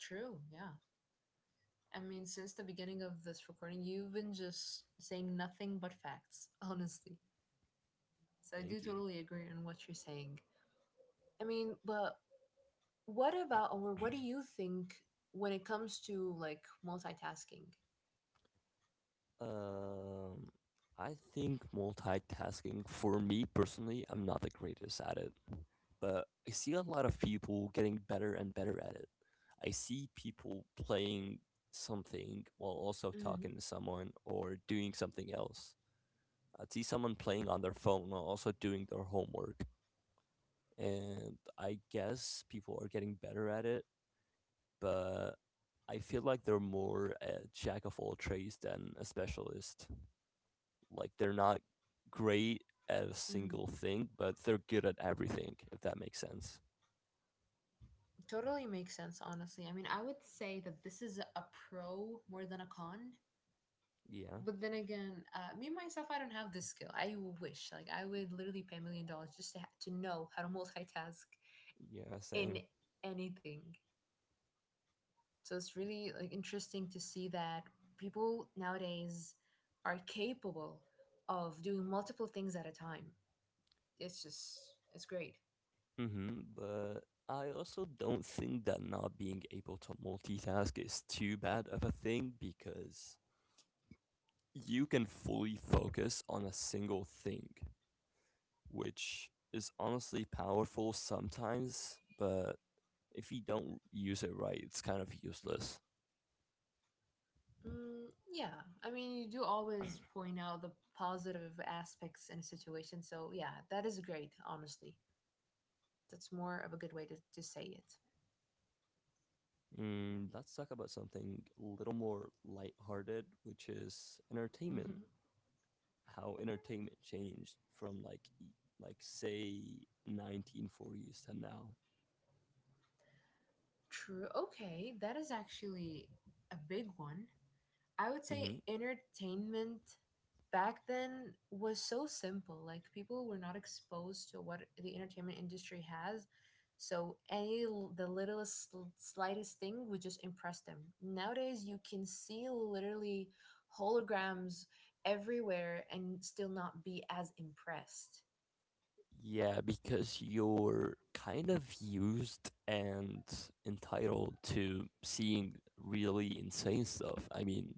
[SPEAKER 2] True. Yeah. I mean, since the beginning of this recording, you've been just saying nothing but facts, honestly. So I do
[SPEAKER 1] Thank you.
[SPEAKER 2] totally agree on what you're saying. I mean, but what about, or what do you think when it comes to like multitasking?
[SPEAKER 1] Um, I think multitasking, for me personally, I'm not the greatest at it, but I see a lot of people getting better and better at it. I see people playing something while also
[SPEAKER 2] hmm
[SPEAKER 1] talking to someone or doing something else. I'd see someone playing on their phone while also doing their homework. And I guess people are getting better at it, but I feel like they're more a jack of all trades than a specialist. Like they're not great at a
[SPEAKER 2] hmm
[SPEAKER 1] single thing, but they're good at everything, if that makes sense.
[SPEAKER 2] Totally makes sense, honestly. I mean, I would say that this is a pro more than a con.
[SPEAKER 1] Yeah.
[SPEAKER 2] But then again, uh, me myself, I don't have this skill. I wish, like, I would literally pay a million dollars just to ha- to know how to multitask
[SPEAKER 1] Yeah,
[SPEAKER 2] in
[SPEAKER 1] same.
[SPEAKER 2] anything. So it's really like interesting to see that people nowadays are capable of doing multiple things at a time. It's just it's great.
[SPEAKER 1] Mm-hmm. But I also don't think that not being able to multitask is too bad of a thing because you can fully focus on a single thing, which is honestly powerful sometimes, but if you don't use it right, it's kind of useless.
[SPEAKER 2] Mm, yeah, I mean you do always point out the positive aspects in a situation. So yeah, that is great. Honestly, that's more of a good way to to say it.
[SPEAKER 1] Mm, let's talk about something a little more lighthearted, which is entertainment.
[SPEAKER 2] hmm
[SPEAKER 1] How entertainment changed from like e- like say nineteen forties to now.
[SPEAKER 2] True. Okay, that is actually a big one. I would say
[SPEAKER 1] Hmm.
[SPEAKER 2] entertainment back then was so simple. Like people were not exposed to what the entertainment industry has. So any l- the littlest sl- slightest thing would just impress them. Nowadays you can see literally holograms everywhere and still not be as impressed.
[SPEAKER 1] Yeah, because you're kind of used and entitled to seeing really insane stuff. I mean,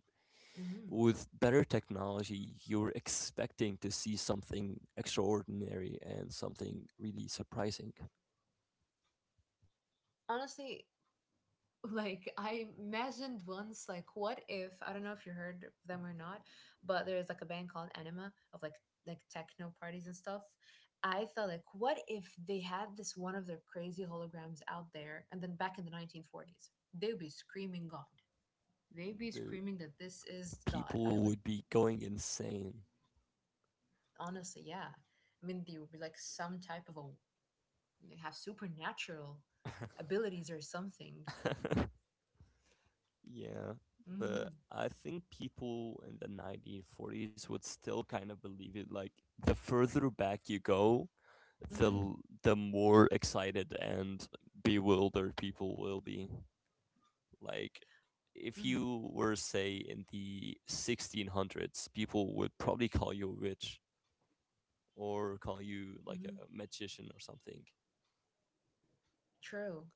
[SPEAKER 2] hmm
[SPEAKER 1] with better technology, you're expecting to see something extraordinary and something really surprising.
[SPEAKER 2] Honestly, like I imagined once, like what if, I don't know if you heard of them or not, but there's like a band called Anima of like like techno parties and stuff. I thought like what if they had this one of their crazy holograms out there and then back in the nineteen forties, they'd be screaming God. They'd be
[SPEAKER 1] The
[SPEAKER 2] screaming that this is God. I
[SPEAKER 1] people
[SPEAKER 2] would
[SPEAKER 1] would be going insane.
[SPEAKER 2] honestly, yeah. I mean, they would be like some type of a, they have supernatural abilities or something.
[SPEAKER 1] Yeah,
[SPEAKER 2] Mm-hmm.
[SPEAKER 1] but I think people in the nineteen forties would still kind of believe it. Like, the further back you go,
[SPEAKER 2] Mm-hmm.
[SPEAKER 1] the the more excited and bewildered people will be. Like, if
[SPEAKER 2] Mm-hmm.
[SPEAKER 1] you were say in the sixteen hundreds, people would probably call you a witch or call you like
[SPEAKER 2] Mm-hmm.
[SPEAKER 1] a magician or something.
[SPEAKER 2] True.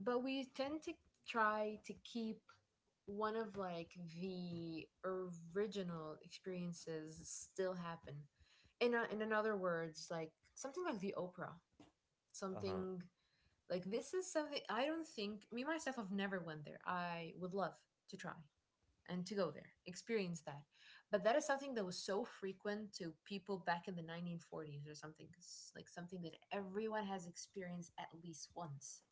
[SPEAKER 2] But we tend to try to keep one of like the original experiences still happen in a, in another words like something like the Oprah
[SPEAKER 1] Uh huh.
[SPEAKER 2] something, like this is something I don't think me myself have never went there. I would love to try and to go there, experience that, but that is something that was so frequent to people back in the nineteen forties or something, s- like something that everyone has experienced at least once.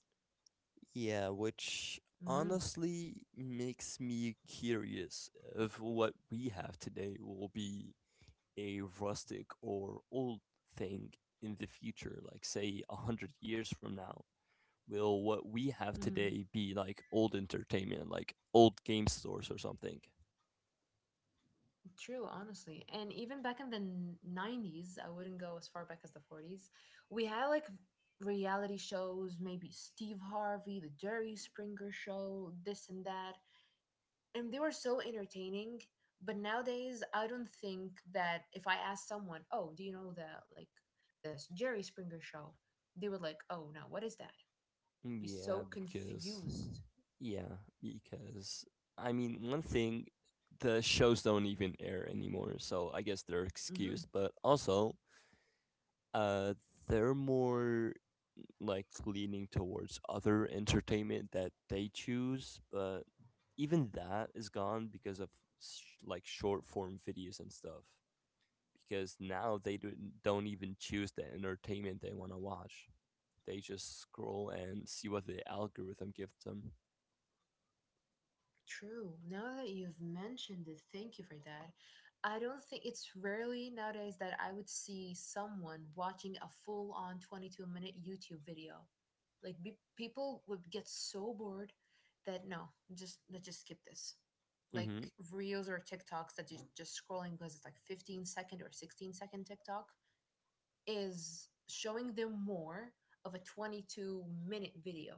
[SPEAKER 1] Yeah, which
[SPEAKER 2] hmm
[SPEAKER 1] honestly makes me curious if what we have today will be a rustic or old thing in the future, like say a hundred years from now. Will what we have
[SPEAKER 2] hmm
[SPEAKER 1] today be like old entertainment, like old game stores or something?
[SPEAKER 2] True, honestly. And even back in the n- nineties, I wouldn't go as far back as the forties. We had like reality shows, maybe Steve Harvey, the Jerry Springer show, this and that. And they were so entertaining. But nowadays, I don't think that if I ask someone, "Oh, do you know the like this Jerry Springer show?" They would like, "Oh no, what is that?" Be so
[SPEAKER 1] Yeah, because
[SPEAKER 2] confused.
[SPEAKER 1] yeah, because I mean, one thing the shows don't even air anymore, so I guess they're
[SPEAKER 2] Hmm.
[SPEAKER 1] excused, but also uh they're more like leaning towards other entertainment that they choose, but even that is gone because of sh- like short form videos and stuff. Because now they do, don't even choose the entertainment they want to watch. They just scroll and see what the algorithm gives them.
[SPEAKER 2] True. Now that you've mentioned it, thank you for that. I don't think it's rarely nowadays that I would see someone watching a full on twenty-two minute YouTube video. Like be- people would get so bored that no, just let's just skip this. Like
[SPEAKER 1] Hmm.
[SPEAKER 2] reels or TikToks that you just scrolling because it's like fifteen second or sixteen second TikTok is showing them more of a twenty-two minute video.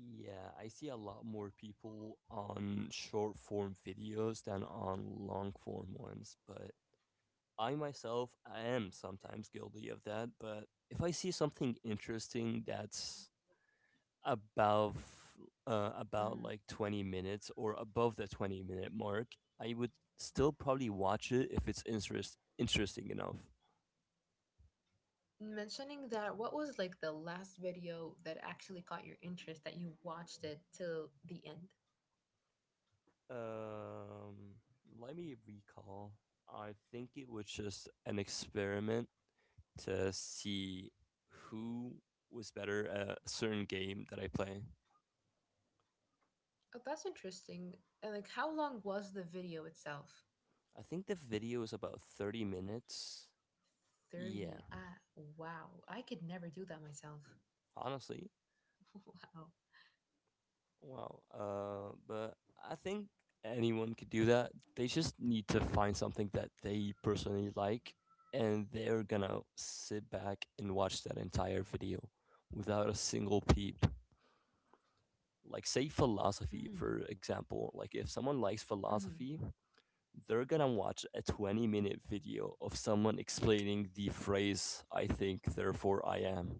[SPEAKER 1] Yeah, I see a lot more people on short form videos than on long form ones, but I myself I am sometimes guilty of that. But if I see something interesting that's above uh, about
[SPEAKER 2] Mm-hmm.
[SPEAKER 1] like twenty minutes or above the twenty minute mark, I would still probably watch it if it's interest interesting enough.
[SPEAKER 2] Mentioning that, what was like the last video that actually caught your interest that you watched it till the end?
[SPEAKER 1] um let me recall. I think it was just an experiment to see who was better at a certain game that I play.
[SPEAKER 2] Oh, that's interesting. And like how long was the video itself?
[SPEAKER 1] I think the video is about thirty minutes. Yeah,
[SPEAKER 2] thirty, ah, wow, I could never do that myself.
[SPEAKER 1] honestly.
[SPEAKER 2] Wow.
[SPEAKER 1] Wow. Uh, but I think anyone could do that. They just need to find something that they personally like, and they're gonna sit back and watch that entire video without a single peep. Like, say, philosophy,
[SPEAKER 2] mm,
[SPEAKER 1] for example. Like, if someone likes
[SPEAKER 2] Hmm.
[SPEAKER 1] philosophy, they're gonna watch a twenty minute video of someone explaining the phrase, I think, therefore I am.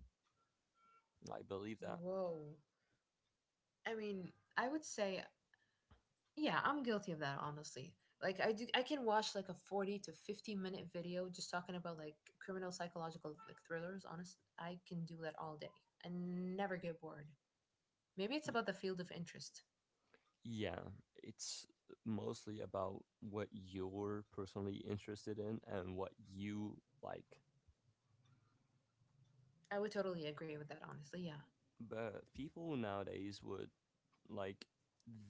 [SPEAKER 1] I believe that.
[SPEAKER 2] Whoa, i mean I would say, yeah, I'm guilty of that, honestly. Like I do, I can watch like a forty to fifty minute video just talking about like criminal psychological like thrillers. Honest, I can do that all day and never get bored. Maybe it's about the field of interest.
[SPEAKER 1] Yeah, it's mostly about what you're personally interested in and what you like.
[SPEAKER 2] I would totally agree with that, honestly. Yeah.
[SPEAKER 1] But people nowadays would like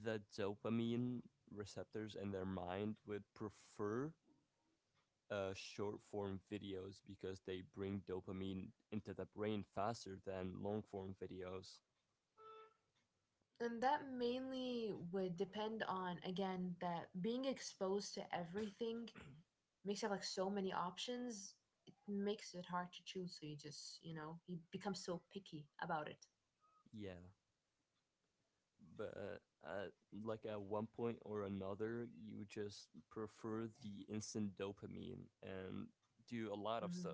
[SPEAKER 1] the dopamine receptors in their mind would prefer uh, short form videos because they bring dopamine into the brain faster than long form videos.
[SPEAKER 2] And that mainly would depend on again that being exposed to everything makes you have like so many options. It makes it hard to choose, so you just, you know, you become so picky about it.
[SPEAKER 1] Yeah, but at like at one point or another, you just prefer the instant dopamine and do a lot of
[SPEAKER 2] Mhm.
[SPEAKER 1] stuff,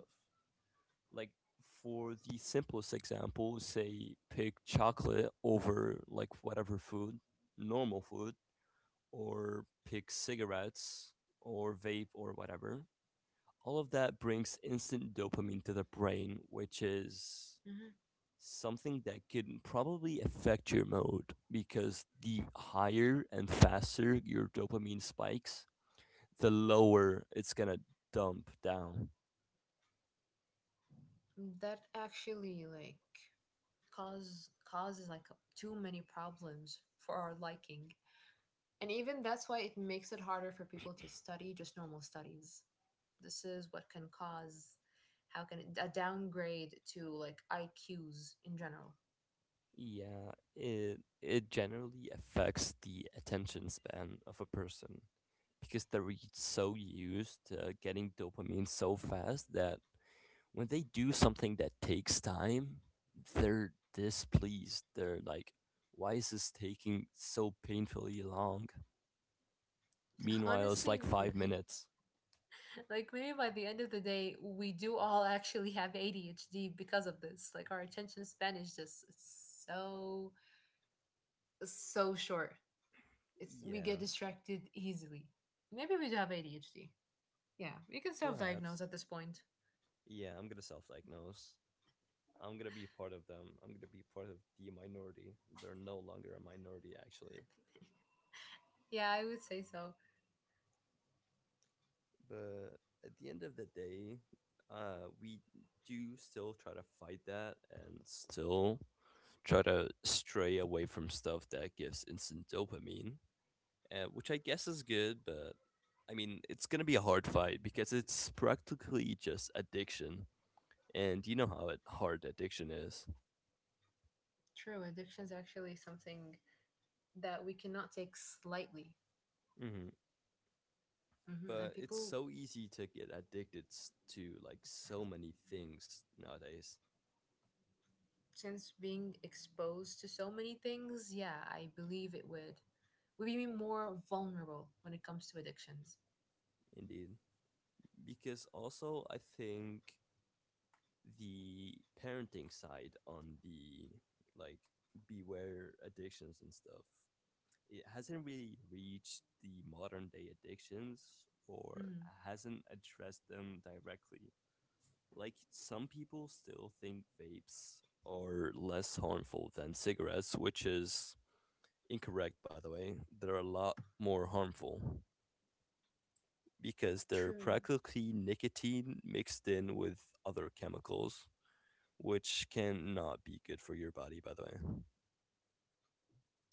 [SPEAKER 1] like, for the simplest example, say, pick chocolate over like whatever food, normal food, or pick cigarettes or vape or whatever. All of that brings instant dopamine to the brain, which is
[SPEAKER 2] Mhm.
[SPEAKER 1] something that can probably affect your mood because the higher and faster your dopamine spikes, the lower it's gonna dump down.
[SPEAKER 2] That actually like cause causes like too many problems for our liking. And even that's why it makes it harder for people to study just normal studies. This is what can cause, how can it, a downgrade to like IQs in general.
[SPEAKER 1] Yeah, it it generally affects the attention span of a person because they're y- so used to getting dopamine so fast that when they do something that takes time, they're displeased. They're like, why is this taking so painfully long? Meanwhile, it's
[SPEAKER 2] Honestly.
[SPEAKER 1] like five minutes.
[SPEAKER 2] Like maybe by the end of the day we do all actually have ADHD because of this, like our attention span is just so so short. It's we get
[SPEAKER 1] Yeah,
[SPEAKER 2] distracted easily. Maybe we do have A D H D. Yeah, we can
[SPEAKER 1] perhaps.
[SPEAKER 2] self-diagnose at this point.
[SPEAKER 1] Yeah, I'm gonna self diagnose. I'm gonna be part of them. I'm gonna be part of the minority. They're no longer a minority, actually.
[SPEAKER 2] Yeah, I would say so.
[SPEAKER 1] But at the end of the day, uh, we do still try to fight that and still try to stray away from stuff that gives instant dopamine, uh, which I guess is good, but I mean, it's gonna be a hard fight because it's practically just addiction, and you know how hard addiction is.
[SPEAKER 2] True, addiction is actually something that we cannot take slightly.
[SPEAKER 1] Hmm.
[SPEAKER 2] Hmm. And
[SPEAKER 1] But it's
[SPEAKER 2] people,
[SPEAKER 1] so easy to get addicted s- to like so many things nowadays.
[SPEAKER 2] since being exposed to so many things, yeah, I believe it would. We'd be more vulnerable when it comes to addictions.
[SPEAKER 1] Indeed, because also I think the parenting side on the, like, beware addictions and stuff, it hasn't really reached the modern day addictions or
[SPEAKER 2] Mm,
[SPEAKER 1] hasn't addressed them directly. Like, some people still think vapes are less harmful than cigarettes, which is incorrect, by the way. They're a lot more harmful because they're
[SPEAKER 2] true.
[SPEAKER 1] practically nicotine mixed in with other chemicals, which cannot be good for your body, by the way.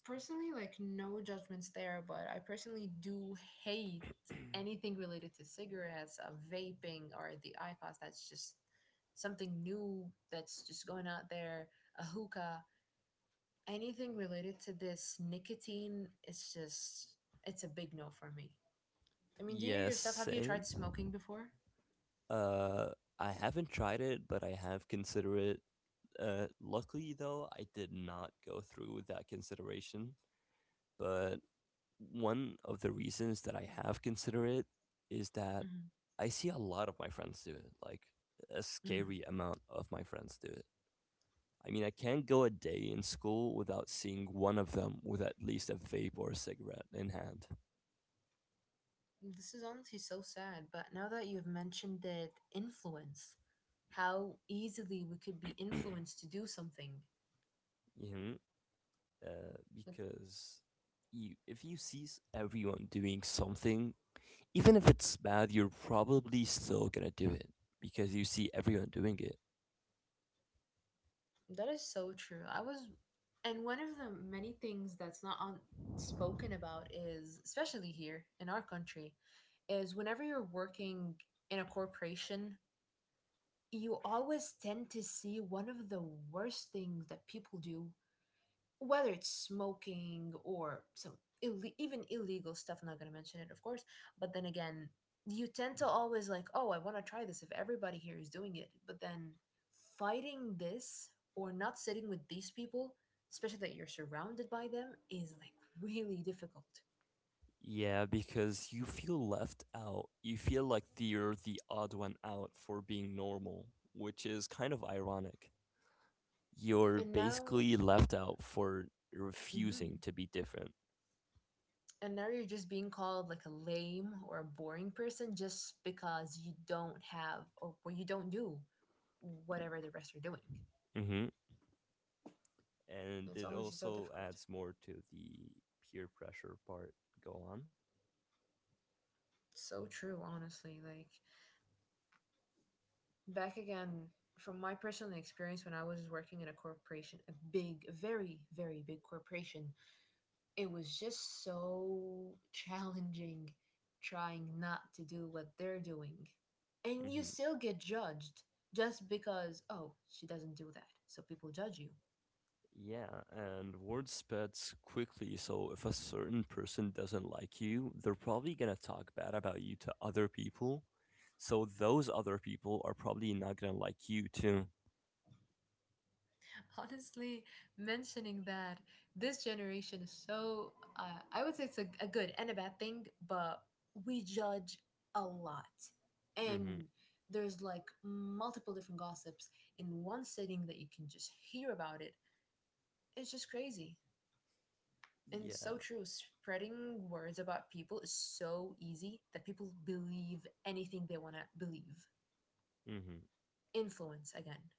[SPEAKER 2] Personally, like no judgments there, but I personally do hate anything related to cigarettes, uh, vaping, or the I Q O S. That's just something new that's just going out there. A hookah, anything related to this nicotine. It's just it's a big no for me. I mean, do you
[SPEAKER 1] Yes,
[SPEAKER 2] yourself have you
[SPEAKER 1] same.
[SPEAKER 2] tried smoking before?
[SPEAKER 1] Uh, I haven't tried it, but I have considered it. Uh, luckily, though, I did not go through with that consideration. But one of the reasons that I have considered it is that
[SPEAKER 2] Hmm.
[SPEAKER 1] I see a lot of my friends do it, like a
[SPEAKER 2] Hmm.
[SPEAKER 1] scary amount of my friends do it. I mean, I can't go a day in school without seeing one of them with at least a vape or a cigarette in hand.
[SPEAKER 2] This is honestly so sad, but now that you've mentioned it, influence how easily we could be influenced to do something.
[SPEAKER 1] Hmm. Uh,
[SPEAKER 2] Like,
[SPEAKER 1] because you, if you see everyone doing something, even if it's bad, you're probably still gonna do it because you see everyone doing it.
[SPEAKER 2] that is so true. I was, and one of the many things that's not on, spoken about is, especially here in our country, is whenever you're working in a corporation, you always tend to see one of the worst things that people do, whether it's smoking or some Ill- even illegal stuff, I'm not going to mention it of course, but then again, you tend to always like, oh, I want to try this if everybody here is doing it, but then fighting this or not sitting with these people, especially that you're surrounded by them, is like really difficult.
[SPEAKER 1] Yeah, because you feel left out. You feel like you're the odd one out for being normal, which is kind of ironic. You're
[SPEAKER 2] And now,
[SPEAKER 1] basically left out for refusing to
[SPEAKER 2] hmm,
[SPEAKER 1] be different.
[SPEAKER 2] and now you're just being called like a lame or a boring person just because you don't have or, or you don't do whatever the rest are doing.
[SPEAKER 1] Mm-hmm. And
[SPEAKER 2] It's
[SPEAKER 1] it
[SPEAKER 2] honestly so
[SPEAKER 1] also
[SPEAKER 2] difficult.
[SPEAKER 1] adds more to the peer pressure part. Go on.
[SPEAKER 2] So true, honestly. Like back again from my personal experience when I was working in a corporation, a big, a very, very big corporation, it was just so challenging trying not to do what they're doing. And you
[SPEAKER 1] Mm-hmm.
[SPEAKER 2] still get judged just because, oh, she doesn't do that. So people judge you.
[SPEAKER 1] Yeah, and word spreads quickly, so if a certain person doesn't like you, they're probably gonna talk bad about you to other people. So those other people are probably not gonna like you too.
[SPEAKER 2] Honestly, mentioning that, this generation is so, uh, I would say it's a, a good and a bad thing, but we judge a lot.
[SPEAKER 1] Mm-hmm.
[SPEAKER 2] And there's like multiple different gossips in one sitting that you can just hear about it. It's just crazy. And
[SPEAKER 1] Yeah.
[SPEAKER 2] so true. Spreading words about people is so easy that people believe anything they want to believe.
[SPEAKER 1] Mm-hmm.
[SPEAKER 2] Influence again.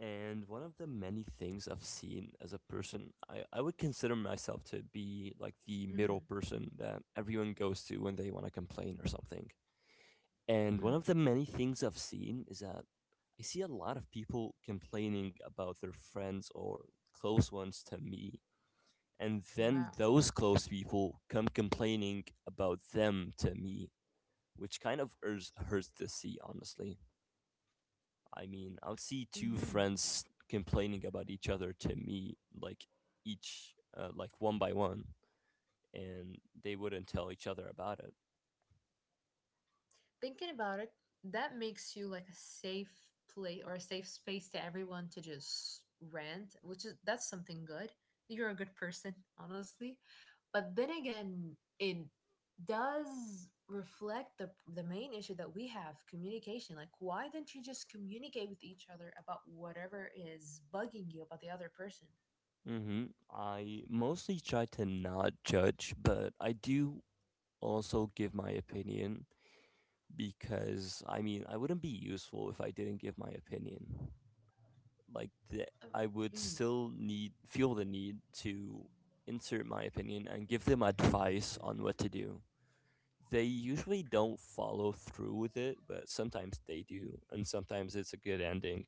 [SPEAKER 1] And one of the many things I've seen as a person, I, I would consider myself to be like the middle
[SPEAKER 2] Mm-hmm.
[SPEAKER 1] person that everyone goes to when they want to complain or something. And one
[SPEAKER 2] Mm-hmm.
[SPEAKER 1] of the many things I've seen is that I see a lot of people complaining about their friends or close ones to me, and then
[SPEAKER 2] Wow.
[SPEAKER 1] those close people come complaining about them to me, which kind of hurts, hurts to see, honestly. I mean, I would see two
[SPEAKER 2] Mm-hmm.
[SPEAKER 1] friends complaining about each other to me, like each, uh, like, one by one, and they wouldn't tell each other about it.
[SPEAKER 2] Thinking about it, that makes you like a safe place or a safe space to everyone to just rant, which is that's something good. You're a good person, honestly. But then again, it does reflect the the main issue that we have, communication. Like why didn't you just communicate with each other about whatever is bugging you about the other person?
[SPEAKER 1] Mm-hmm. I mostly try to not judge, but I do also give my opinion because I mean, I wouldn't be useful if I didn't give my opinion. Like the,
[SPEAKER 2] Um,
[SPEAKER 1] I would
[SPEAKER 2] mm.
[SPEAKER 1] still need feel the need to insert my opinion and give them advice on what to do. They usually don't follow through with it, but sometimes they do, and sometimes it's a good ending.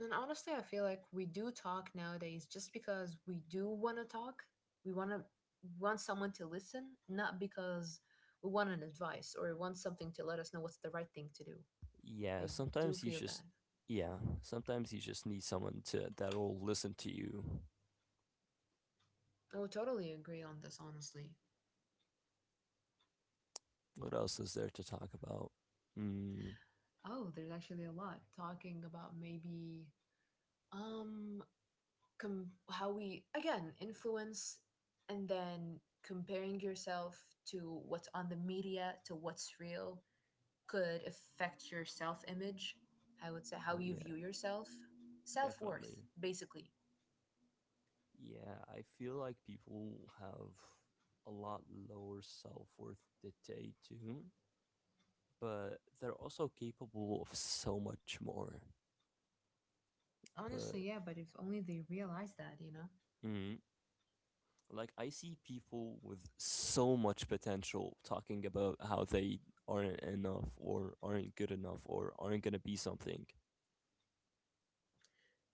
[SPEAKER 2] And honestly, I feel like we do talk nowadays just because we do want to talk. We want to want someone to listen, not because we want an advice or want something to let us know what's the right thing to do.
[SPEAKER 1] Yeah,
[SPEAKER 2] I do
[SPEAKER 1] sometimes you
[SPEAKER 2] feel
[SPEAKER 1] just
[SPEAKER 2] that.
[SPEAKER 1] yeah, sometimes you just need someone to that'll listen to you.
[SPEAKER 2] I would totally agree on this, honestly.
[SPEAKER 1] What else is there to talk about? Mm,
[SPEAKER 2] Oh, there's actually a lot talking about maybe um com- how we again influence and then comparing yourself to what's on the media to what's real could affect your self image. I would say how
[SPEAKER 1] oh
[SPEAKER 2] you
[SPEAKER 1] yeah,
[SPEAKER 2] view yourself, self worth,
[SPEAKER 1] definitely.
[SPEAKER 2] basically.
[SPEAKER 1] Yeah, I feel like people have a lot lower self worth that they do, but they're also capable of so much more. But
[SPEAKER 2] Honestly, yeah, but if only they realize that, you know?
[SPEAKER 1] mm, like, I see people with so much potential talking about how they aren't enough or aren't good enough or aren't gonna be something.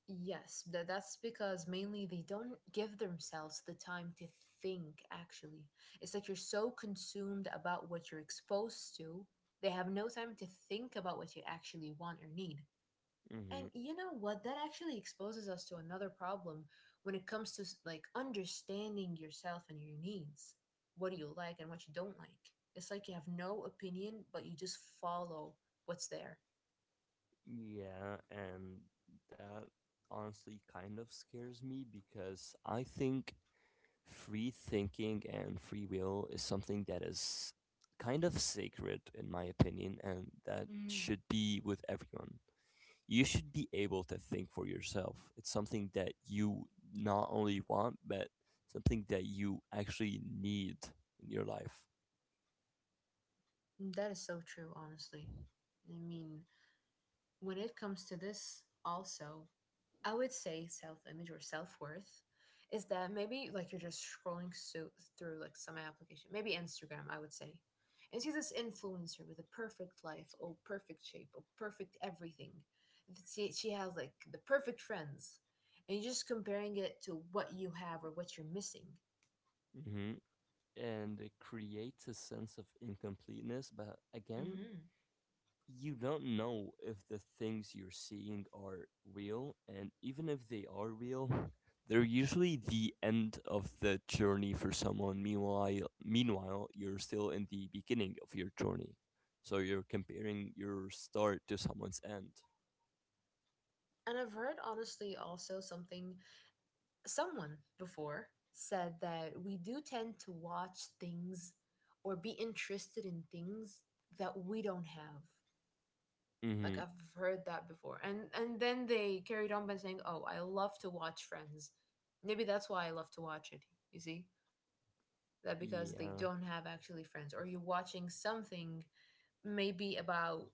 [SPEAKER 2] Yes, that that's because mainly they don't give themselves the time to think actually. It's like you're so consumed about what you're exposed to, they have no time to think about what you actually want or need. And
[SPEAKER 1] Mm-hmm.
[SPEAKER 2] you know what? That actually exposes us to another problem when it comes to like understanding yourself and your needs. What do you like and what you don't like? It's like you have no opinion, but you just follow what's there.
[SPEAKER 1] Yeah, and that honestly kind of scares me because I think free thinking and free will is something that is kind of sacred in my opinion, and that
[SPEAKER 2] Mm.
[SPEAKER 1] should be with everyone. You should be able to think for yourself. It's something that you not only want, but something that you actually need in your life.
[SPEAKER 2] That is so true, honestly. I mean, when it comes to this, also, I would say self image or self worth is that maybe like you're just scrolling so through like some application, maybe Instagram, I would say, and see this influencer with a perfect life, or perfect shape, or perfect everything. She she has like the perfect friends, and you're just comparing it to what you have or what you're missing.
[SPEAKER 1] Hmm. And it creates a sense of incompleteness, but again,
[SPEAKER 2] Hmm.
[SPEAKER 1] you don't know if the things you're seeing are real, and even if they are real, they're usually the end of the journey for someone. Meanwhile, meanwhile, you're still in the beginning of your journey, so you're comparing your start to someone's end.
[SPEAKER 2] And I've heard honestly also something. Someone before said that we do tend to watch things or be interested in things that we don't have. Like
[SPEAKER 1] Mm-hmm.
[SPEAKER 2] I've heard that before. And and then they carried on by saying, "Oh, I love to watch Friends." Maybe that's why I love to watch it. You see? That because they
[SPEAKER 1] Yeah,
[SPEAKER 2] don't have actually friends or you're watching something maybe about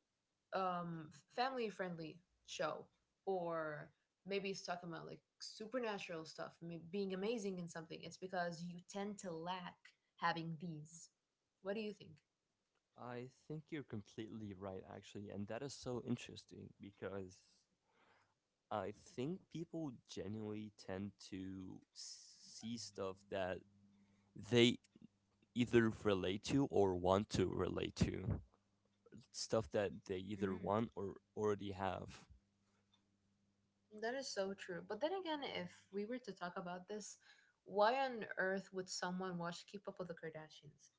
[SPEAKER 2] um family friendly show or maybe it's talking about like supernatural stuff ma- being amazing in something, it's because you tend to lack having these. What do you think?
[SPEAKER 1] I think you're completely right, actually, and that is so interesting because I think people genuinely tend to see stuff that they either relate to or want to relate to, stuff that they either
[SPEAKER 2] Mhm.
[SPEAKER 1] want or already have.
[SPEAKER 2] That is so true. But then again, if we were to talk about this, why on earth would someone watch Keep Up with the Kardashians?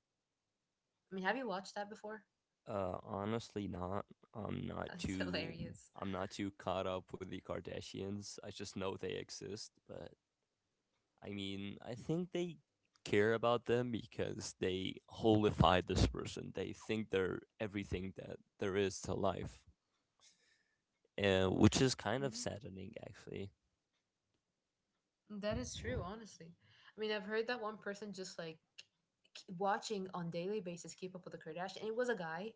[SPEAKER 2] I mean, have you watched that before?
[SPEAKER 1] uh honestly, not. i'm not
[SPEAKER 2] It's
[SPEAKER 1] too
[SPEAKER 2] hilarious.
[SPEAKER 1] I'm not too caught up with the Kardashians. I just know they exist, but I mean, I think they care about them because they holified this person. They think they're everything that there is to life, and which is kind of
[SPEAKER 2] Hmm.
[SPEAKER 1] saddening, actually.
[SPEAKER 2] That is true, honestly. I mean, I've heard that one person just like k- watching on daily basis Keep Up with the Kardashians. And it was a guy,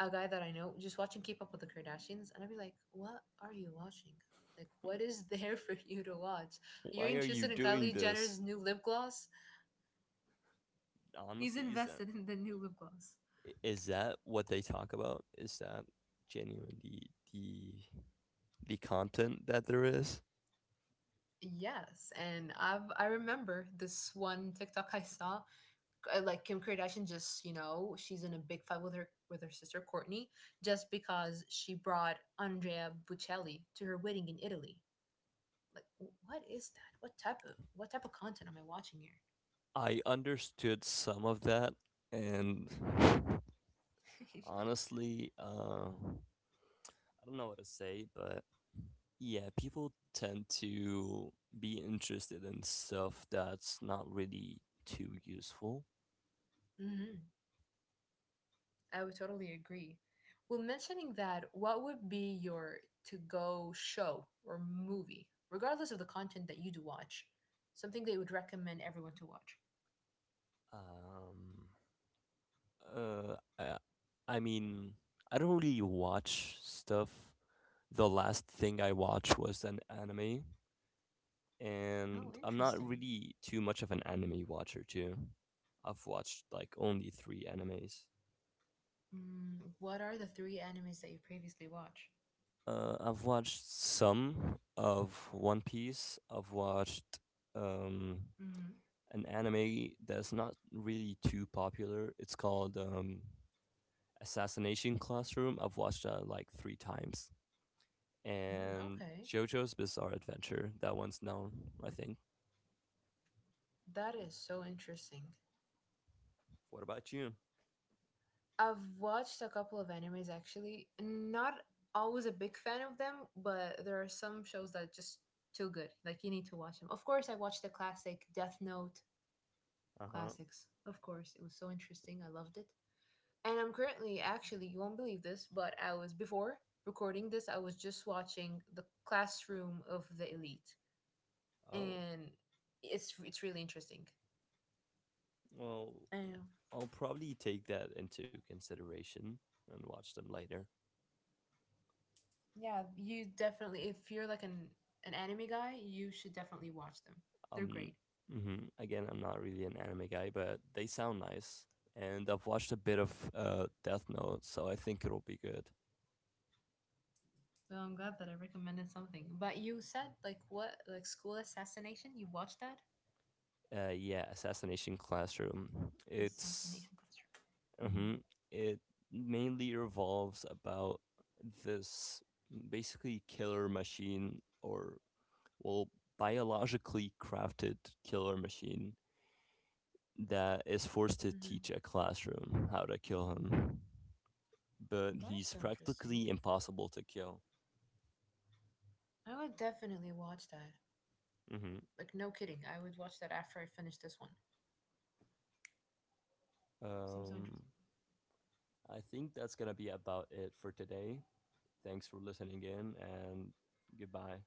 [SPEAKER 2] a guy that I know, just watching Keep Up with the Kardashians. And I'd be like, what are you watching? Like, what is there for you to watch? You're
[SPEAKER 1] Why are you
[SPEAKER 2] interested in
[SPEAKER 1] doing
[SPEAKER 2] Kylie
[SPEAKER 1] this?
[SPEAKER 2] Jenner's new lip gloss? He's
[SPEAKER 1] Honestly, is that,
[SPEAKER 2] invested in the new lip gloss.
[SPEAKER 1] is that what they talk about? Is that genuinely the the content that there is?
[SPEAKER 2] Yes, and I've I remember this one TikTok I saw, uh, like Kim Kardashian, just you know she's in a big fight with her with her sister Courtney just because she brought Andrea Bocelli to her wedding in Italy. Like what is that? What type of what type of content am I watching
[SPEAKER 1] I understood some of that, and
[SPEAKER 2] here?
[SPEAKER 1] honestly, uh, I don't know what to say, but yeah, people tend to be interested in stuff that's not really too useful.
[SPEAKER 2] Hmm. I would totally agree. Well, mentioning that, what would be your to go show or movie, regardless of the content that you do watch? Something that you would recommend everyone to watch.
[SPEAKER 1] Um, uh, I, I mean, I don't really watch stuff. The last thing I watched was an anime, and
[SPEAKER 2] Oh,
[SPEAKER 1] I'm not
[SPEAKER 2] interesting.
[SPEAKER 1] really too much of an anime watcher too. I've watched like only three animes.
[SPEAKER 2] Mm, what are the three animes that you previously watched?
[SPEAKER 1] Uh, I've watched some of One Piece. I've watched um,
[SPEAKER 2] Mm,
[SPEAKER 1] an anime that's not really too popular. It's called um, Assassination Classroom. I've watched that like three times.
[SPEAKER 2] mm,
[SPEAKER 1] And
[SPEAKER 2] okay,
[SPEAKER 1] JoJo's Bizarre Adventure. That one's known, I think.
[SPEAKER 2] that is so interesting.
[SPEAKER 1] What about you?
[SPEAKER 2] I've watched a couple of animes actually. Not always a big fan of them, but there are some shows that are just too good. Like you need to watch them. Of course, I watched the classic Death Note
[SPEAKER 1] Uh huh.
[SPEAKER 2] classics. Of course, it was so interesting. I loved it. And I'm currently, actually, you won't believe this, but I was, before recording this, I was just watching the classroom of the elite.
[SPEAKER 1] Oh.
[SPEAKER 2] And it's it's really interesting.
[SPEAKER 1] Well,
[SPEAKER 2] Um,
[SPEAKER 1] I'll probably take that into consideration and watch them later.
[SPEAKER 2] yeah, you definitely, if you're like an, an anime guy, you should definitely watch them. They're
[SPEAKER 1] Um,
[SPEAKER 2] great.
[SPEAKER 1] mhm, Again, I'm not really an anime guy, but they sound nice. And I've watched a bit of uh, Death Note, so I think it'll be good.
[SPEAKER 2] Well, I'm glad that I recommended something. But you said, like, what, like school assassination? You watched that?
[SPEAKER 1] Uh, yeah, Assassination Classroom. It's
[SPEAKER 2] Assassination classroom. Mm-hmm.
[SPEAKER 1] hmm, it mainly revolves about this basically killer machine, or well, biologically crafted killer machine that is forced to
[SPEAKER 2] Mm-hmm.
[SPEAKER 1] teach a classroom how to kill him, but
[SPEAKER 2] That is
[SPEAKER 1] he's
[SPEAKER 2] so interesting.
[SPEAKER 1] practically impossible to kill.
[SPEAKER 2] I would definitely watch that.
[SPEAKER 1] Mm-hmm.
[SPEAKER 2] Like, no kidding. I would watch that after I finish this one. Seems so
[SPEAKER 1] Um,
[SPEAKER 2] interesting.
[SPEAKER 1] I think that's gonna be about it for today. Thanks for listening in, and goodbye.